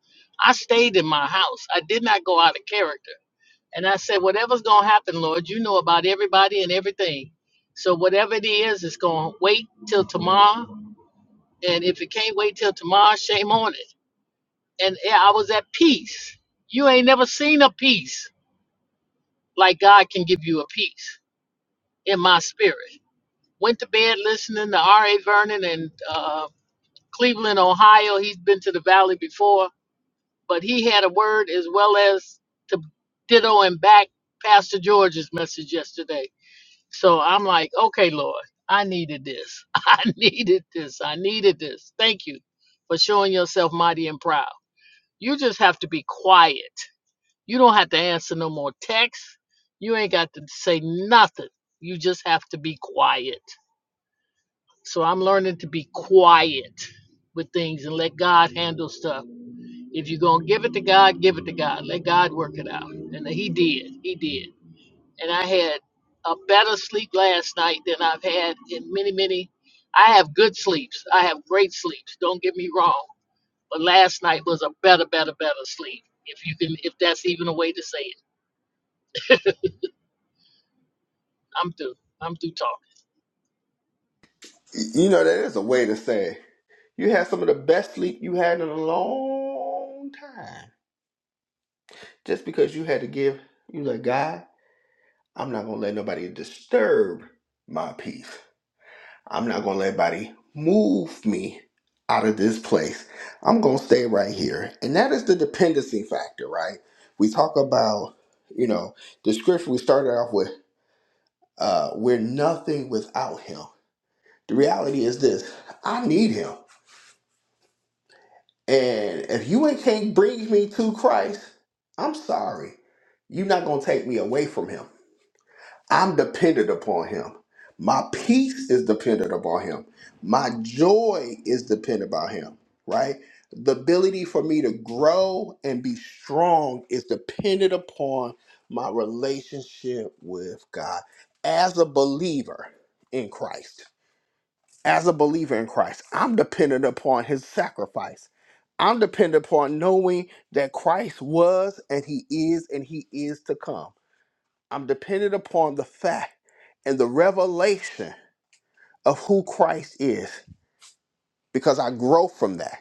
Speaker 5: I stayed in my house. I did not go out of character, and I said, "Whatever's gonna happen, Lord, you know about everybody and everything. So whatever it is, it's gonna wait till tomorrow. And if it can't wait till tomorrow, shame on it." And yeah, I was at peace. You ain't never seen a peace like God can give you a peace in my spirit. Went to bed listening to R.A. Vernon and uh, Cleveland, Ohio. He's been to the Valley before, but he had a word as well as to ditto and back Pastor George's message yesterday. So I'm like, okay, Lord, I needed this. I needed this. I needed this. Thank you for showing yourself mighty and proud. You just have to be quiet. You don't have to answer no more texts. You ain't got to say nothing. You just have to be quiet. So I'm learning to be quiet with things and let God handle stuff. If you're going to give it to God, give it to God. Let God work it out. And he did. He did. And I had a better sleep last night than I've had in many, many. I have good sleeps. I have great sleeps. Don't get me wrong. But last night was a better, better, better sleep. If you can, if that's even a way to say it, I'm through. I'm through talking.
Speaker 1: You know, that is a way to say you had some of the best sleep you had in a long time. Just because you had to give, you like, God, I'm not going to let nobody disturb my peace. I'm not going to let nobody move me out of this place. I'm going to stay right here. And that is the dependency factor, right? We talk about, you know, the scripture we started off with, uh, we're nothing without him. The reality is this I need him. And if you ain't can't bring me to Christ, I'm sorry. You're not gonna take me away from him. I'm dependent upon him. My peace is dependent upon him. My joy is dependent upon him, right? The ability for me to grow and be strong is dependent upon my relationship with God as a believer in Christ as a believer in Christ, I'm dependent upon his sacrifice. I'm dependent upon knowing that Christ was and he is and he is to come. I'm dependent upon the fact and the revelation of who Christ is because I grow from that.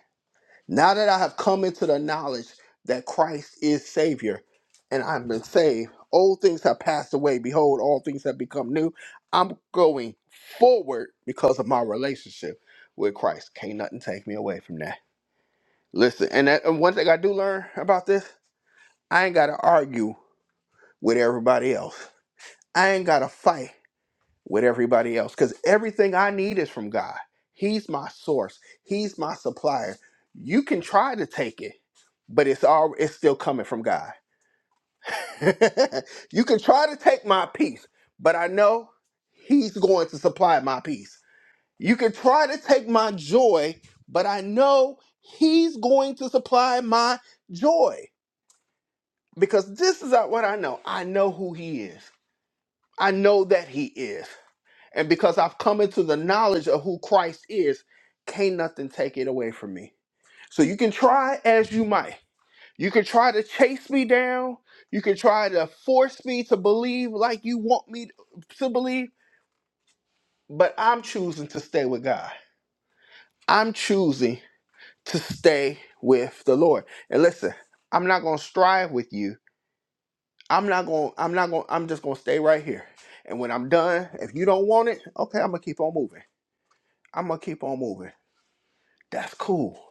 Speaker 1: Now that I have come into the knowledge that Christ is Savior and I've been saved, old things have passed away. Behold, all things have become new. I'm going forward because of my relationship with Christ. Can't nothing take me away from that. Listen, and, that, and one thing I do learn about this, I ain't got to argue with everybody else. I ain't got to fight with everybody else because everything I need is from God. He's my source. He's my supplier. You can try to take it, but it's all it's still coming from God. you can try to take my peace, but I know He's going to supply my peace. You can try to take my joy, but I know He's going to supply my joy because this is what I know. I know who He is. I know that He is. And because I've come into the knowledge of who Christ is, can't nothing take it away from me. So you can try as you might. You can try to chase me down. You can try to force me to believe like you want me to believe, but I'm choosing to stay with God. I'm choosing to stay with the Lord. And listen, I'm not going to strive with you. I'm not going to I'm not going to I'm just going to stay right here. And when I'm done, if you don't want it, okay, I'm going to keep on moving. I'm going to keep on moving. That's cool.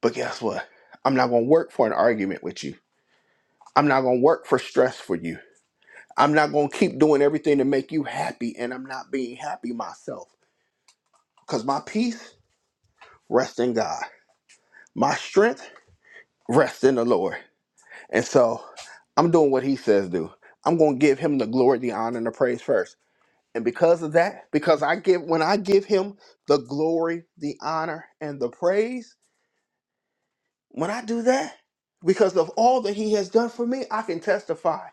Speaker 1: But guess what? I'm not going to work for an argument with you. I'm not going to work for stress for you. I'm not going to keep doing everything to make you happy, and I'm not being happy myself. Because my peace rests in God, my strength rests in the Lord. And so I'm doing what He says do. I'm going to give Him the glory, the honor, and the praise first. And because of that, because I give, when I give Him the glory, the honor, and the praise, when I do that, because of all that He has done for me, I can testify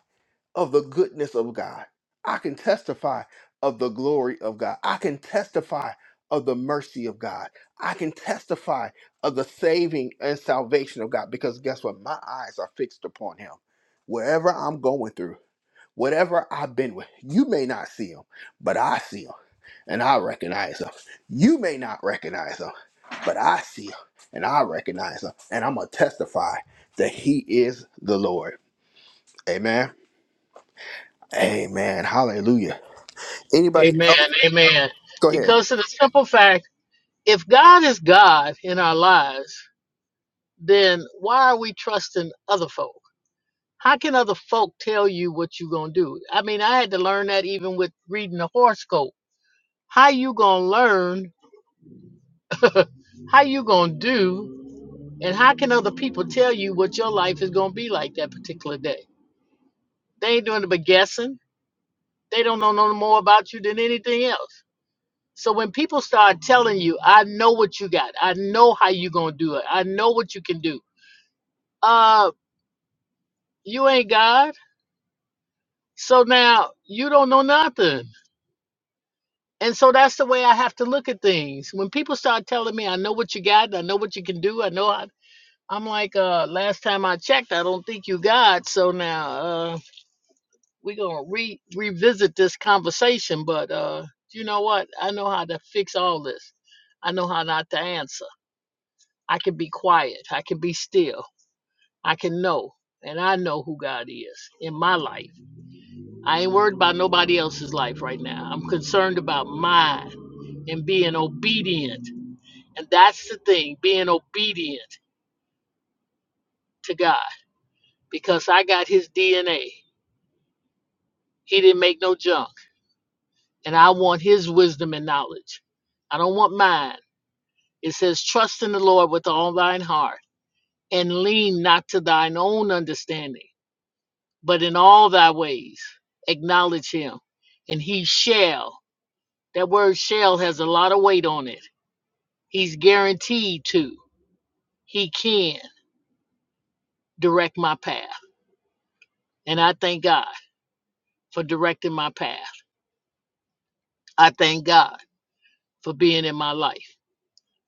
Speaker 1: of the goodness of God. I can testify of the glory of God. I can testify of the mercy of God. I can testify of the saving and salvation of God because guess what? My eyes are fixed upon Him. Wherever I'm going through, whatever I've been with, you may not see Him, but I see Him and I recognize Him. You may not recognize Him, but I see Him and I recognize Him. And I'm going to testify that He is the Lord. Amen. Amen. Hallelujah. Anybody
Speaker 5: Amen.
Speaker 1: else?
Speaker 5: Amen.
Speaker 1: Go ahead.
Speaker 5: Because of the simple fact, if God is God in our lives, then why are we trusting other folk? How can other folk tell you what you're gonna do? I mean, I had to learn that even with reading the horoscope. How you gonna learn? how you gonna do? And how can other people tell you what your life is gonna be like that particular day? They ain't doing it but guessing. They don't know no more about you than anything else. So when people start telling you, "I know what you got. I know how you gonna do it. I know what you can do," uh, you ain't God So now you don't know nothing. And so that's the way I have to look at things. When people start telling me, I know what you got, I know what you can do, I know how. I'm like, uh, last time I checked, I don't think you got. So now uh, we're going to re- revisit this conversation. But uh, you know what? I know how to fix all this. I know how not to answer. I can be quiet. I can be still. I can know. And I know who God is in my life. I ain't worried about nobody else's life right now. I'm concerned about mine. and being obedient. And that's the thing, being obedient to God, because I got his DNA. He didn't make no junk. And I want his wisdom and knowledge. I don't want mine. It says, trust in the Lord with all thine heart and lean not to thine own understanding, but in all thy ways acknowledge him, and he shall. That word shall has a lot of weight on it. He's guaranteed to, he can direct my path. And I thank God. for directing my path. I thank God for being in my life.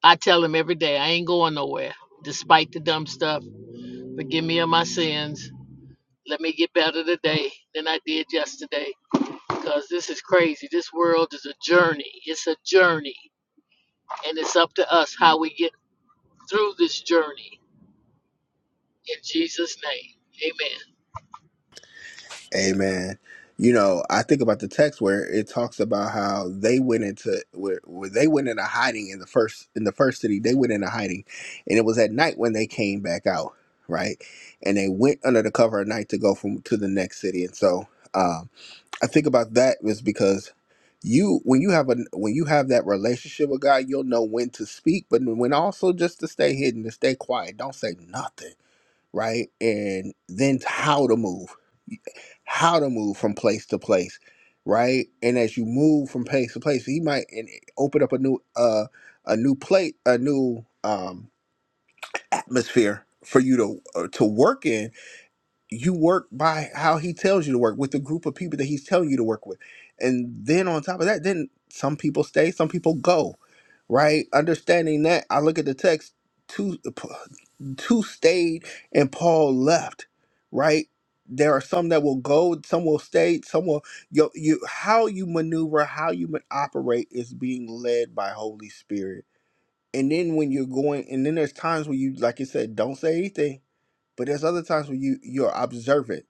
Speaker 5: I tell him every day, I ain't going nowhere. Despite the dumb stuff, forgive me of my sins. Let me get better today than I did yesterday because this is crazy. This world is a journey. It's a journey. And it's up to us how we get through this journey. In Jesus' name, amen.
Speaker 1: Amen. You know, I think about the text where it talks about how they went into where, where they went into hiding in the first in the first city. They went into hiding, and it was at night when they came back out, right? And they went under the cover of night to go from to the next city. And so, um, I think about that is because you when you have a when you have that relationship with God, you'll know when to speak, but when also just to stay hidden, to stay quiet. Don't say nothing right? And then how to move, how to move from place to place, right? And as you move from place to place, he might and eh, open up a new uh a new plate, a new um atmosphere for you to uh, to work in. You work by how he tells you to work with the group of people that he's telling you to work with. And then on top of that, then some people stay, some people go, right? Understanding that, I look at the text two two stayed and Paul left, right? There are some that will go, some will stay, some will you, you how you maneuver, how you ma- operate is being led by Holy Spirit. And then when you're going, and then there's times where you, like you said, don't say anything, but there's other times where you you're observant.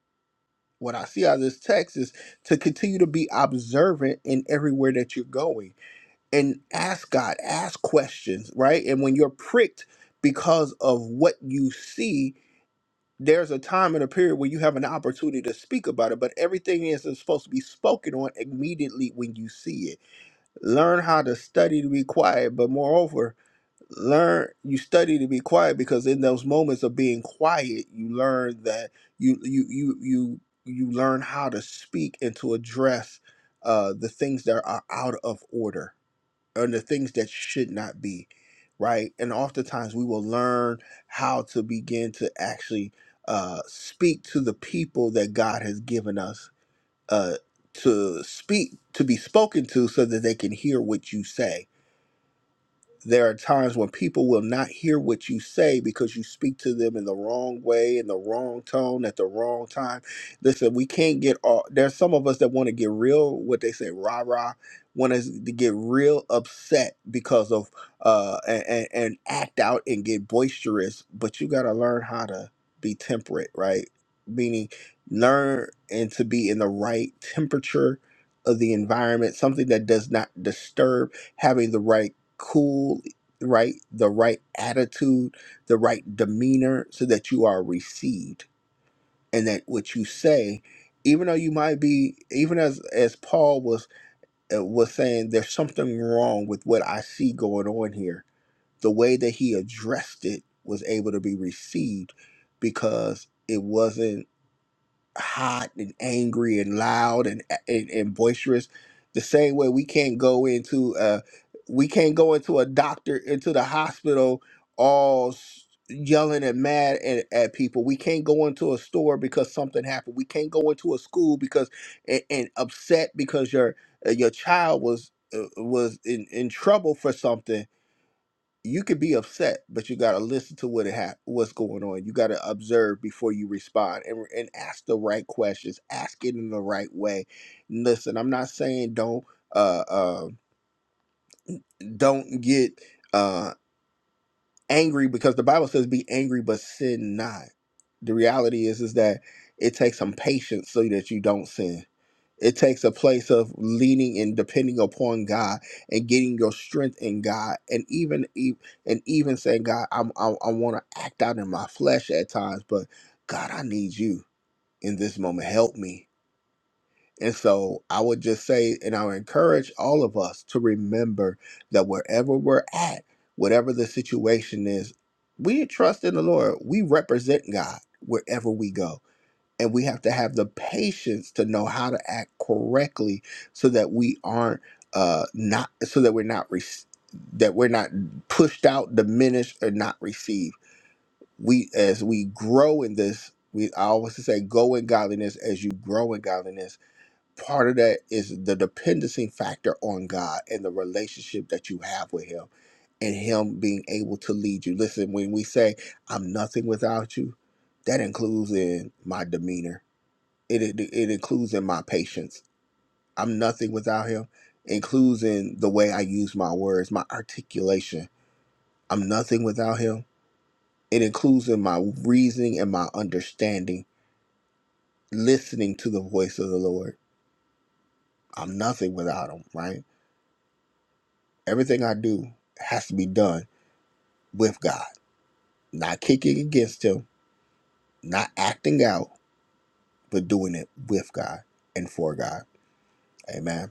Speaker 1: What I see out of this text is to continue to be observant in everywhere that you're going and ask God, ask questions, right? And when you're pricked because of what you see, there's a time and a period where you have an opportunity to speak about it, but everything is supposed to be spoken on immediately when you see it. Learn how to study to be quiet, but moreover, learn you study to be quiet because in those moments of being quiet, you learn that you you you you you learn how to speak and to address uh, the things that are out of order and the things that should not be, right? And oftentimes we will learn how to begin to actually uh, speak to the people that God has given us uh, to speak, to be spoken to, so that they can hear what you say there are times when people will not hear what you say because you speak to them in the wrong way, in the wrong tone, at the wrong time. Listen, we can't get all. There's some of us that want to get real, what they say, rah rah, want us to get real upset because of uh and, and act out and get boisterous. But you got to learn how to be temperate, right? Meaning, learn and to be in the right temperature of the environment, something that does not disturb having the right cool right the right attitude the right demeanor so that you are received and that what you say even though you might be even as as paul was uh, was saying there's something wrong with what i see going on here the way that he addressed it was able to be received because it wasn't hot and angry and loud and and, and boisterous the same way we can't go into uh we can't go into a doctor into the hospital all s- yelling and mad at, at people we can't go into a store because something happened we can't go into a school because and, and upset because your uh, your child was uh, was in, in trouble for something you could be upset, but you got to listen to what it ha- what's going on. You got to observe before you respond and, and ask the right questions. Ask it in the right way. Listen, I'm not saying don't uh, uh don't get uh angry because the Bible says be angry but sin not. The reality is is that it takes some patience so that you don't sin it takes a place of leaning and depending upon God and getting your strength in God, and even e- and even saying, God, I'm, I I want to act out in my flesh at times, but God, I need you in this moment. Help me. And so I would just say, and I would encourage all of us to remember that wherever we're at, whatever the situation is, we trust in the Lord. We represent God wherever we go and we have to have the patience to know how to act correctly so that we aren't uh not so that we're not re- that we're not pushed out diminished or not received we as we grow in this we I always say go in godliness as you grow in godliness part of that is the dependency factor on god and the relationship that you have with him and him being able to lead you listen when we say i'm nothing without you that includes in my demeanor it, it it includes in my patience. I'm nothing without him. Includes in the way I use my words, my articulation. I'm nothing without him. It includes in my reasoning and my understanding, listening to the voice of the Lord. I'm nothing without him, right? Everything I do has to be done with God, not kicking against him, not acting out, but doing it with God and for God. Amen.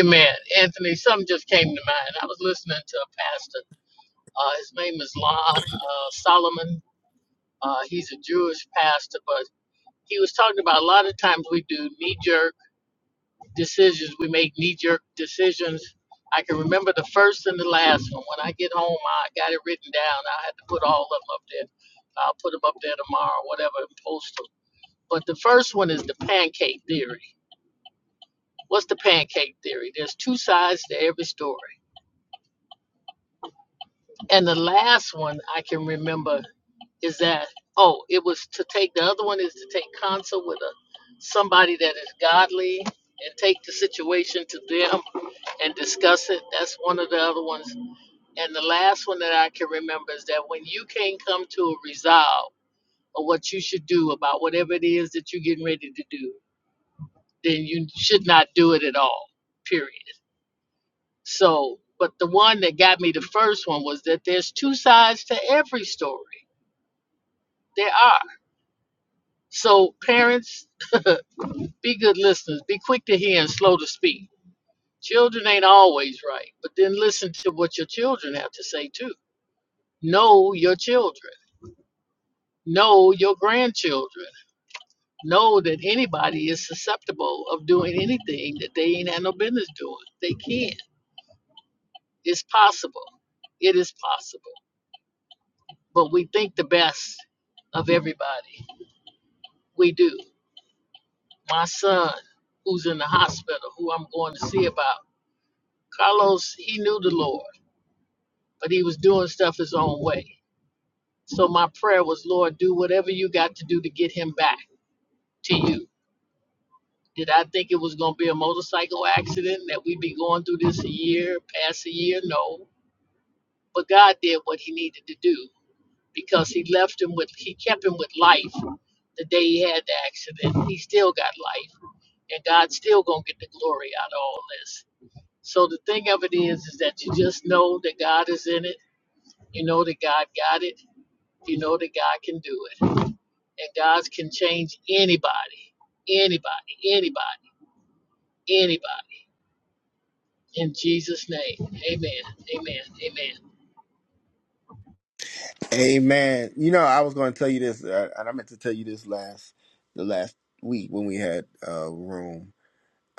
Speaker 5: Amen. Anthony, something just came to mind. I was listening to a pastor. Uh, his name is Lon uh, Solomon. Uh, he's a Jewish pastor, but he was talking about a lot of times we do knee jerk decisions. We make knee jerk decisions. I can remember the first and the last one. When I get home, I got it written down. I had to put all of them up there. I'll put them up there tomorrow, whatever, and post them. But the first one is the pancake theory. What's the pancake theory? There's two sides to every story. And the last one I can remember is that oh it was to take the other one is to take counsel with a somebody that is godly and take the situation to them and discuss it that's one of the other ones and the last one that i can remember is that when you can't come to a resolve of what you should do about whatever it is that you're getting ready to do then you should not do it at all period so but the one that got me the first one was that there's two sides to every story there are so parents Be good listeners. Be quick to hear and slow to speak. Children ain't always right, but then listen to what your children have to say too. Know your children. Know your grandchildren. Know that anybody is susceptible of doing anything that they ain't had no business doing. They can. It's possible. It is possible. But we think the best of everybody. We do. My son, who's in the hospital, who I'm going to see about, Carlos, he knew the Lord but he was doing stuff his own way. So my prayer was, Lord, do whatever you got to do to get him back to you. Did I think it was going to be a motorcycle accident that we'd be going through this a year, past a year? No. But God did what he needed to do because he left him with, he kept him with life the day he had the accident. He still got life and God's still going to get the glory out of all this. So the thing of it is, is that you just know that God is in it. You know that God got it. You know that God can do it. And God can change anybody, anybody, anybody, anybody. In Jesus' name, amen, amen, amen.
Speaker 1: Amen. You know, I was going to tell you this, uh, and I meant to tell you this last the last week when we had a room.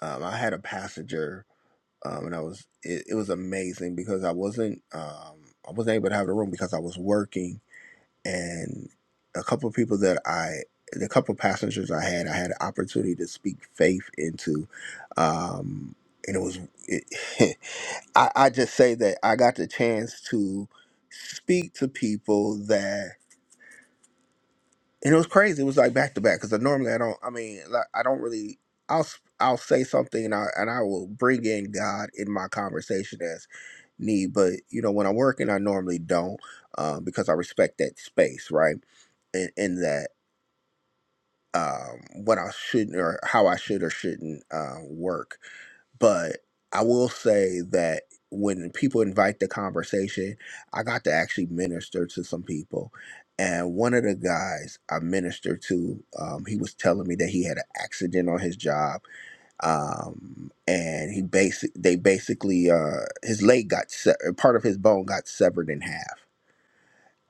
Speaker 1: Um, I had a passenger, um, and I was it, it was amazing because I wasn't um, I wasn't able to have the room because I was working, and a couple of people that I the couple of passengers I had, I had an opportunity to speak faith into, um, and it was it, I, I just say that I got the chance to speak to people and it was crazy. It was like back to back because normally I don't. I mean, like, I don't really. I'll s- I'll say something and I and I will bring in God in my conversation as need. But you know, when I'm working, I normally don't um, because I respect that space, right? In, in that um, what I shouldn't or how I should or shouldn't uh, work but I will say that when people invite the conversation, I got to actually minister to some people. And one of the guys I ministered to, um, he was telling me that he had an accident on his job, um, and he basic they basically uh, his leg got se- uh, part of his bone got severed in half,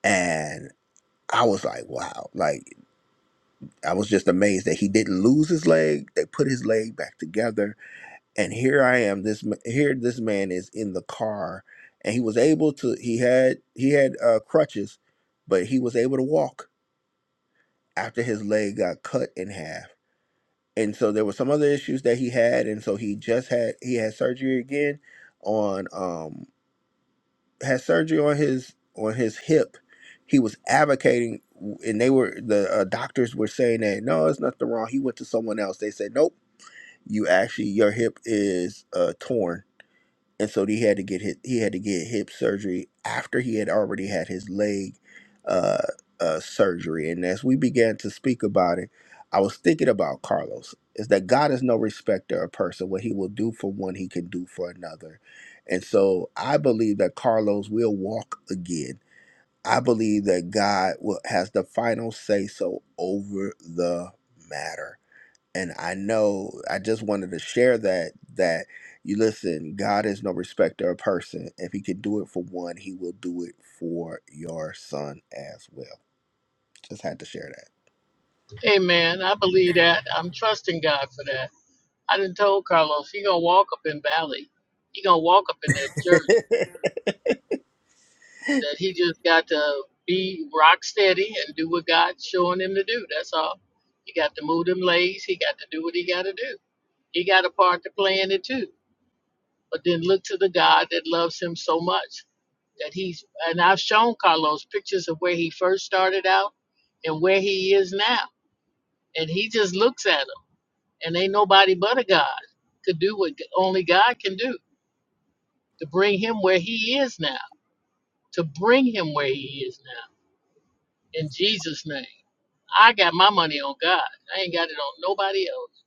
Speaker 1: and I was like, wow, like I was just amazed that he didn't lose his leg. They put his leg back together and here I am. This m- here, this man is in the car, and he was able to. He had he had uh, crutches, but he was able to walk after his leg got cut in half. And so there were some other issues that he had, and so he just had he had surgery again on um had surgery on his on his hip. He was advocating, and they were the uh, doctors were saying that no, it's nothing wrong. He went to someone else. They said nope, you actually your hip is uh, torn and so he had to get his, he had to get hip surgery after he had already had his leg uh, uh, surgery. And as we began to speak about it, I was thinking about Carlos. Is that God is no respecter of person. What He will do for one, He can do for another. And so I believe that Carlos will walk again. I believe that God will, has the final say so over the matter and I know I just wanted to share that that you listen, God is no respecter of person. If he could do it for one, he will do it for your son as well. Just had to share
Speaker 5: Amen. I believe that. I'm trusting God for that. I done told Carlos he gonna walk up in Valley. He gonna walk up in that church
Speaker 1: that.
Speaker 5: that he just got to be rock steady and do what God's showing him to do. That's all. He got to move them legs. He got to do what he got to do. He got a part to play in it too. But then look to the God that loves him so much that he's and I've shown Carlos pictures of where he first started out and where he is now, and he just looks at them, and ain't nobody but a God could do what only God can do to bring him where he is now, to bring him where he is now. In Jesus' name, I got my money on God. I ain't got it on nobody else.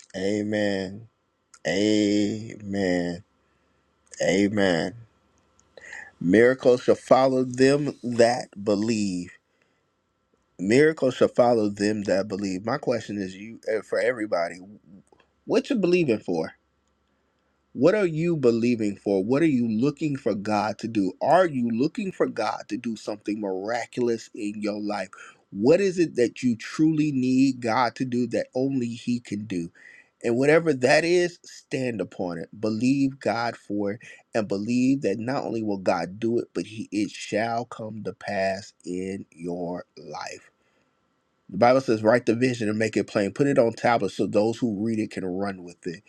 Speaker 1: Amen. Amen. Amen. Miracles shall follow them that believe. Miracles shall follow them that believe. My question is you eh, for everybody, what you believing for? What are you believing for? What are you looking for God to do? Are you looking for God to do something miraculous in your life? What is it that you truly need God to do that only He can do? And whatever that is, stand upon it. Believe God for it and believe that not only will God do it, but he, it shall come to pass in your life. The Bible says, write the vision and make it plain. Put it on tablets so those who read it can run with it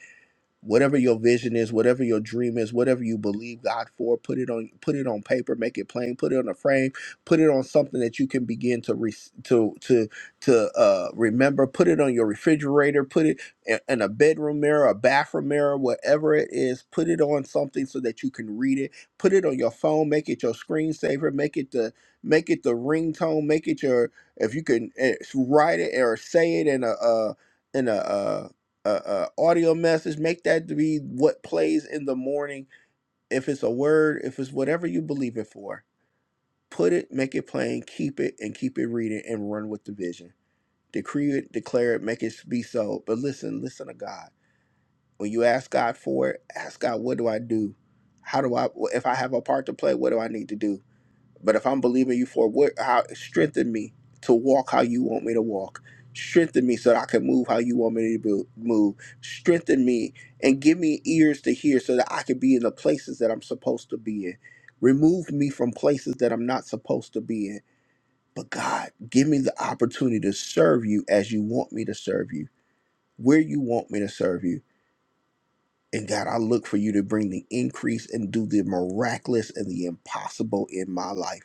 Speaker 1: whatever your vision is whatever your dream is whatever you believe god for put it on put it on paper make it plain put it on a frame put it on something that you can begin to re- to to to uh remember put it on your refrigerator put it in, in a bedroom mirror a bathroom mirror whatever it is put it on something so that you can read it put it on your phone make it your screensaver make it the make it the ringtone make it your if you can eh, write it or say it in a uh in a uh a, a audio message make that to be what plays in the morning if it's a word if it's whatever you believe it for put it make it plain keep it and keep it reading and run with the vision decree it declare it make it be so but listen listen to god when you ask god for it ask god what do i do how do i if i have a part to play what do i need to do but if I'm believing you for what, how strengthen me to walk how you want me to walk. Strengthen me so that I can move how you want me to bo- move. Strengthen me and give me ears to hear so that I can be in the places that I'm supposed to be in. Remove me from places that I'm not supposed to be in. But God, give me the opportunity to serve you as you want me to serve you, where you want me to serve you. And God, I look for you to bring the increase and do the miraculous and the impossible in my life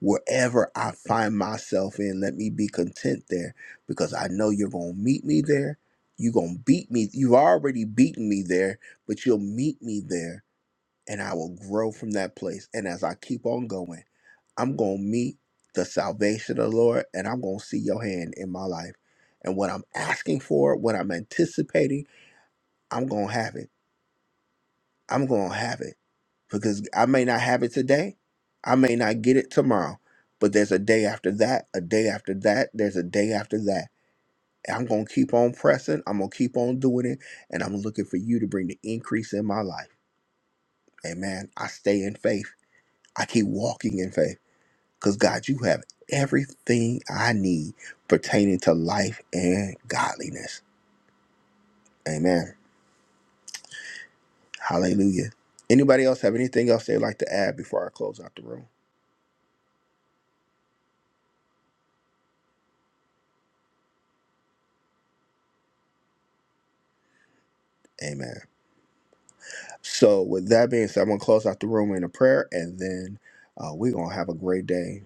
Speaker 1: wherever I find myself in, let me be content there because I know you're going to meet me there. You're going to beat me. You've already beaten me there, but you'll meet me there and I will grow from that place. And as I keep on going, I'm going to meet the salvation of the Lord and I'm going to see your hand in my life. And what I'm asking for, what I'm anticipating, I'm going to have it. I'm going to have it because I may not have it today. I may not get it tomorrow, but there's a day after that, a day after that, there's a day after that. And I'm going to keep on pressing. I'm going to keep on doing it. And I'm looking for you to bring the increase in my life. Amen. I stay in faith. I keep walking in faith because God, you have everything I need pertaining to life and godliness. Amen. Hallelujah. Anybody else have anything else they'd like to add before I close out the room? Amen. So, with that being said, I'm going to close out the room in a prayer and then uh, we're going to have a great day.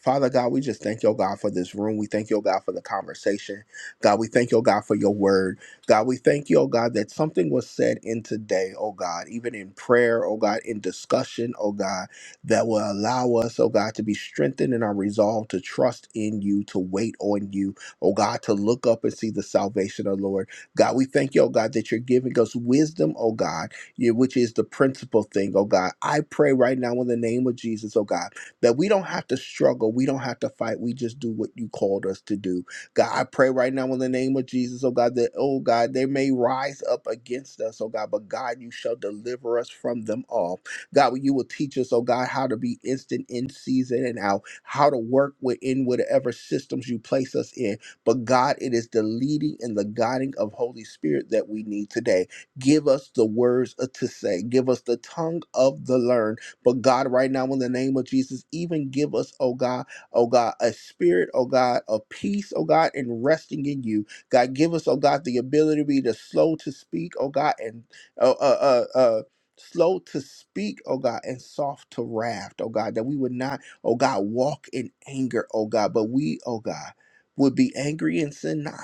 Speaker 1: Father God, we just thank your God for this room. We thank your God for the conversation. God, we thank your God for your word. God, we thank you, oh God, that something was said in today, oh God, even in prayer, oh God, in discussion, oh God, that will allow us, oh God, to be strengthened in our resolve to trust in you, to wait on you, oh God, to look up and see the salvation of the Lord. God, we thank you, oh God, that you're giving us wisdom, oh God yeah, which is the principal thing, oh God. I pray right now in the name of Jesus, oh God, that we don't have to struggle. We don't have to fight. We just do what you called us to do. God, I pray right now in the name of Jesus, oh God, that, oh God, they may rise up against us, oh God, but God, you shall deliver us from them all. God, you will teach us, oh God, how to be instant in season and out, how to work within whatever systems you place us in. But God, it is the leading and the guiding of Holy Spirit that we need today. Give us the words uh, to say. Give us the tongue of the learned. But God, right now, in the name of Jesus, even give us, oh God, oh God, a spirit, oh God, of peace, oh God, and resting in you. God, give us, oh God, the ability to be the slow to speak, oh God, and uh, uh, uh, uh, slow to speak, oh God, and soft to wrath, oh God, that we would not, oh God, walk in anger, oh God, but we, oh God, would be angry and sin not.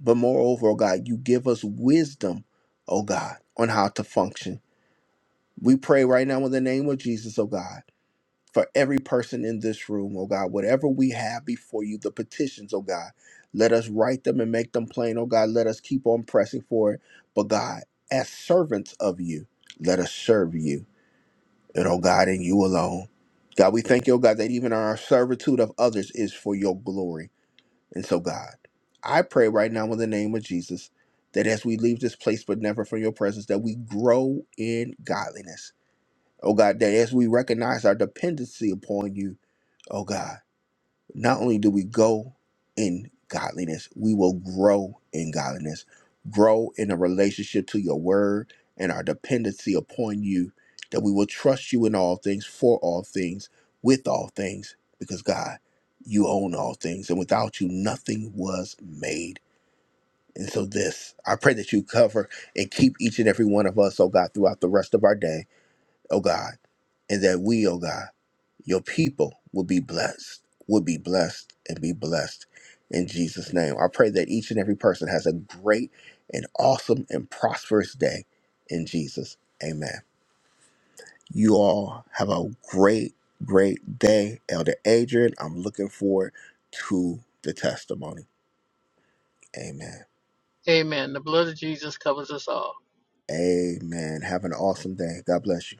Speaker 1: But moreover, oh God, you give us wisdom, oh God, on how to function. We pray right now in the name of Jesus, oh God, for every person in this room, oh God, whatever we have before you, the petitions, oh God, let us write them and make them plain, oh God. Let us keep on pressing for it. But God, as servants of you, let us serve you, and oh God, and you alone. God, we thank you, oh God, that even our servitude of others is for your glory. And so, God, I pray right now in the name of Jesus that as we leave this place, but never from your presence, that we grow in godliness. Oh, God, that as we recognize our dependency upon you, oh, God not only do we go in godliness, we will grow in godliness, grow in a relationship to your word and our dependency upon you, that we will trust you in all things, for all things, with all things, because God, you own all things, and without you, nothing was made. And so, this, I pray that you cover and keep each and every one of us, oh God, throughout the rest of our day oh God, and that we, oh God, your people will be blessed, will be blessed, and be blessed in Jesus' name. I pray that each and every person has a great and awesome and prosperous day in Jesus. Amen. You all have a great, great day, Elder Adrian. I'm looking forward to the testimony. Amen.
Speaker 5: Amen. The blood of Jesus covers us all.
Speaker 1: Amen. Have an awesome day. God bless you.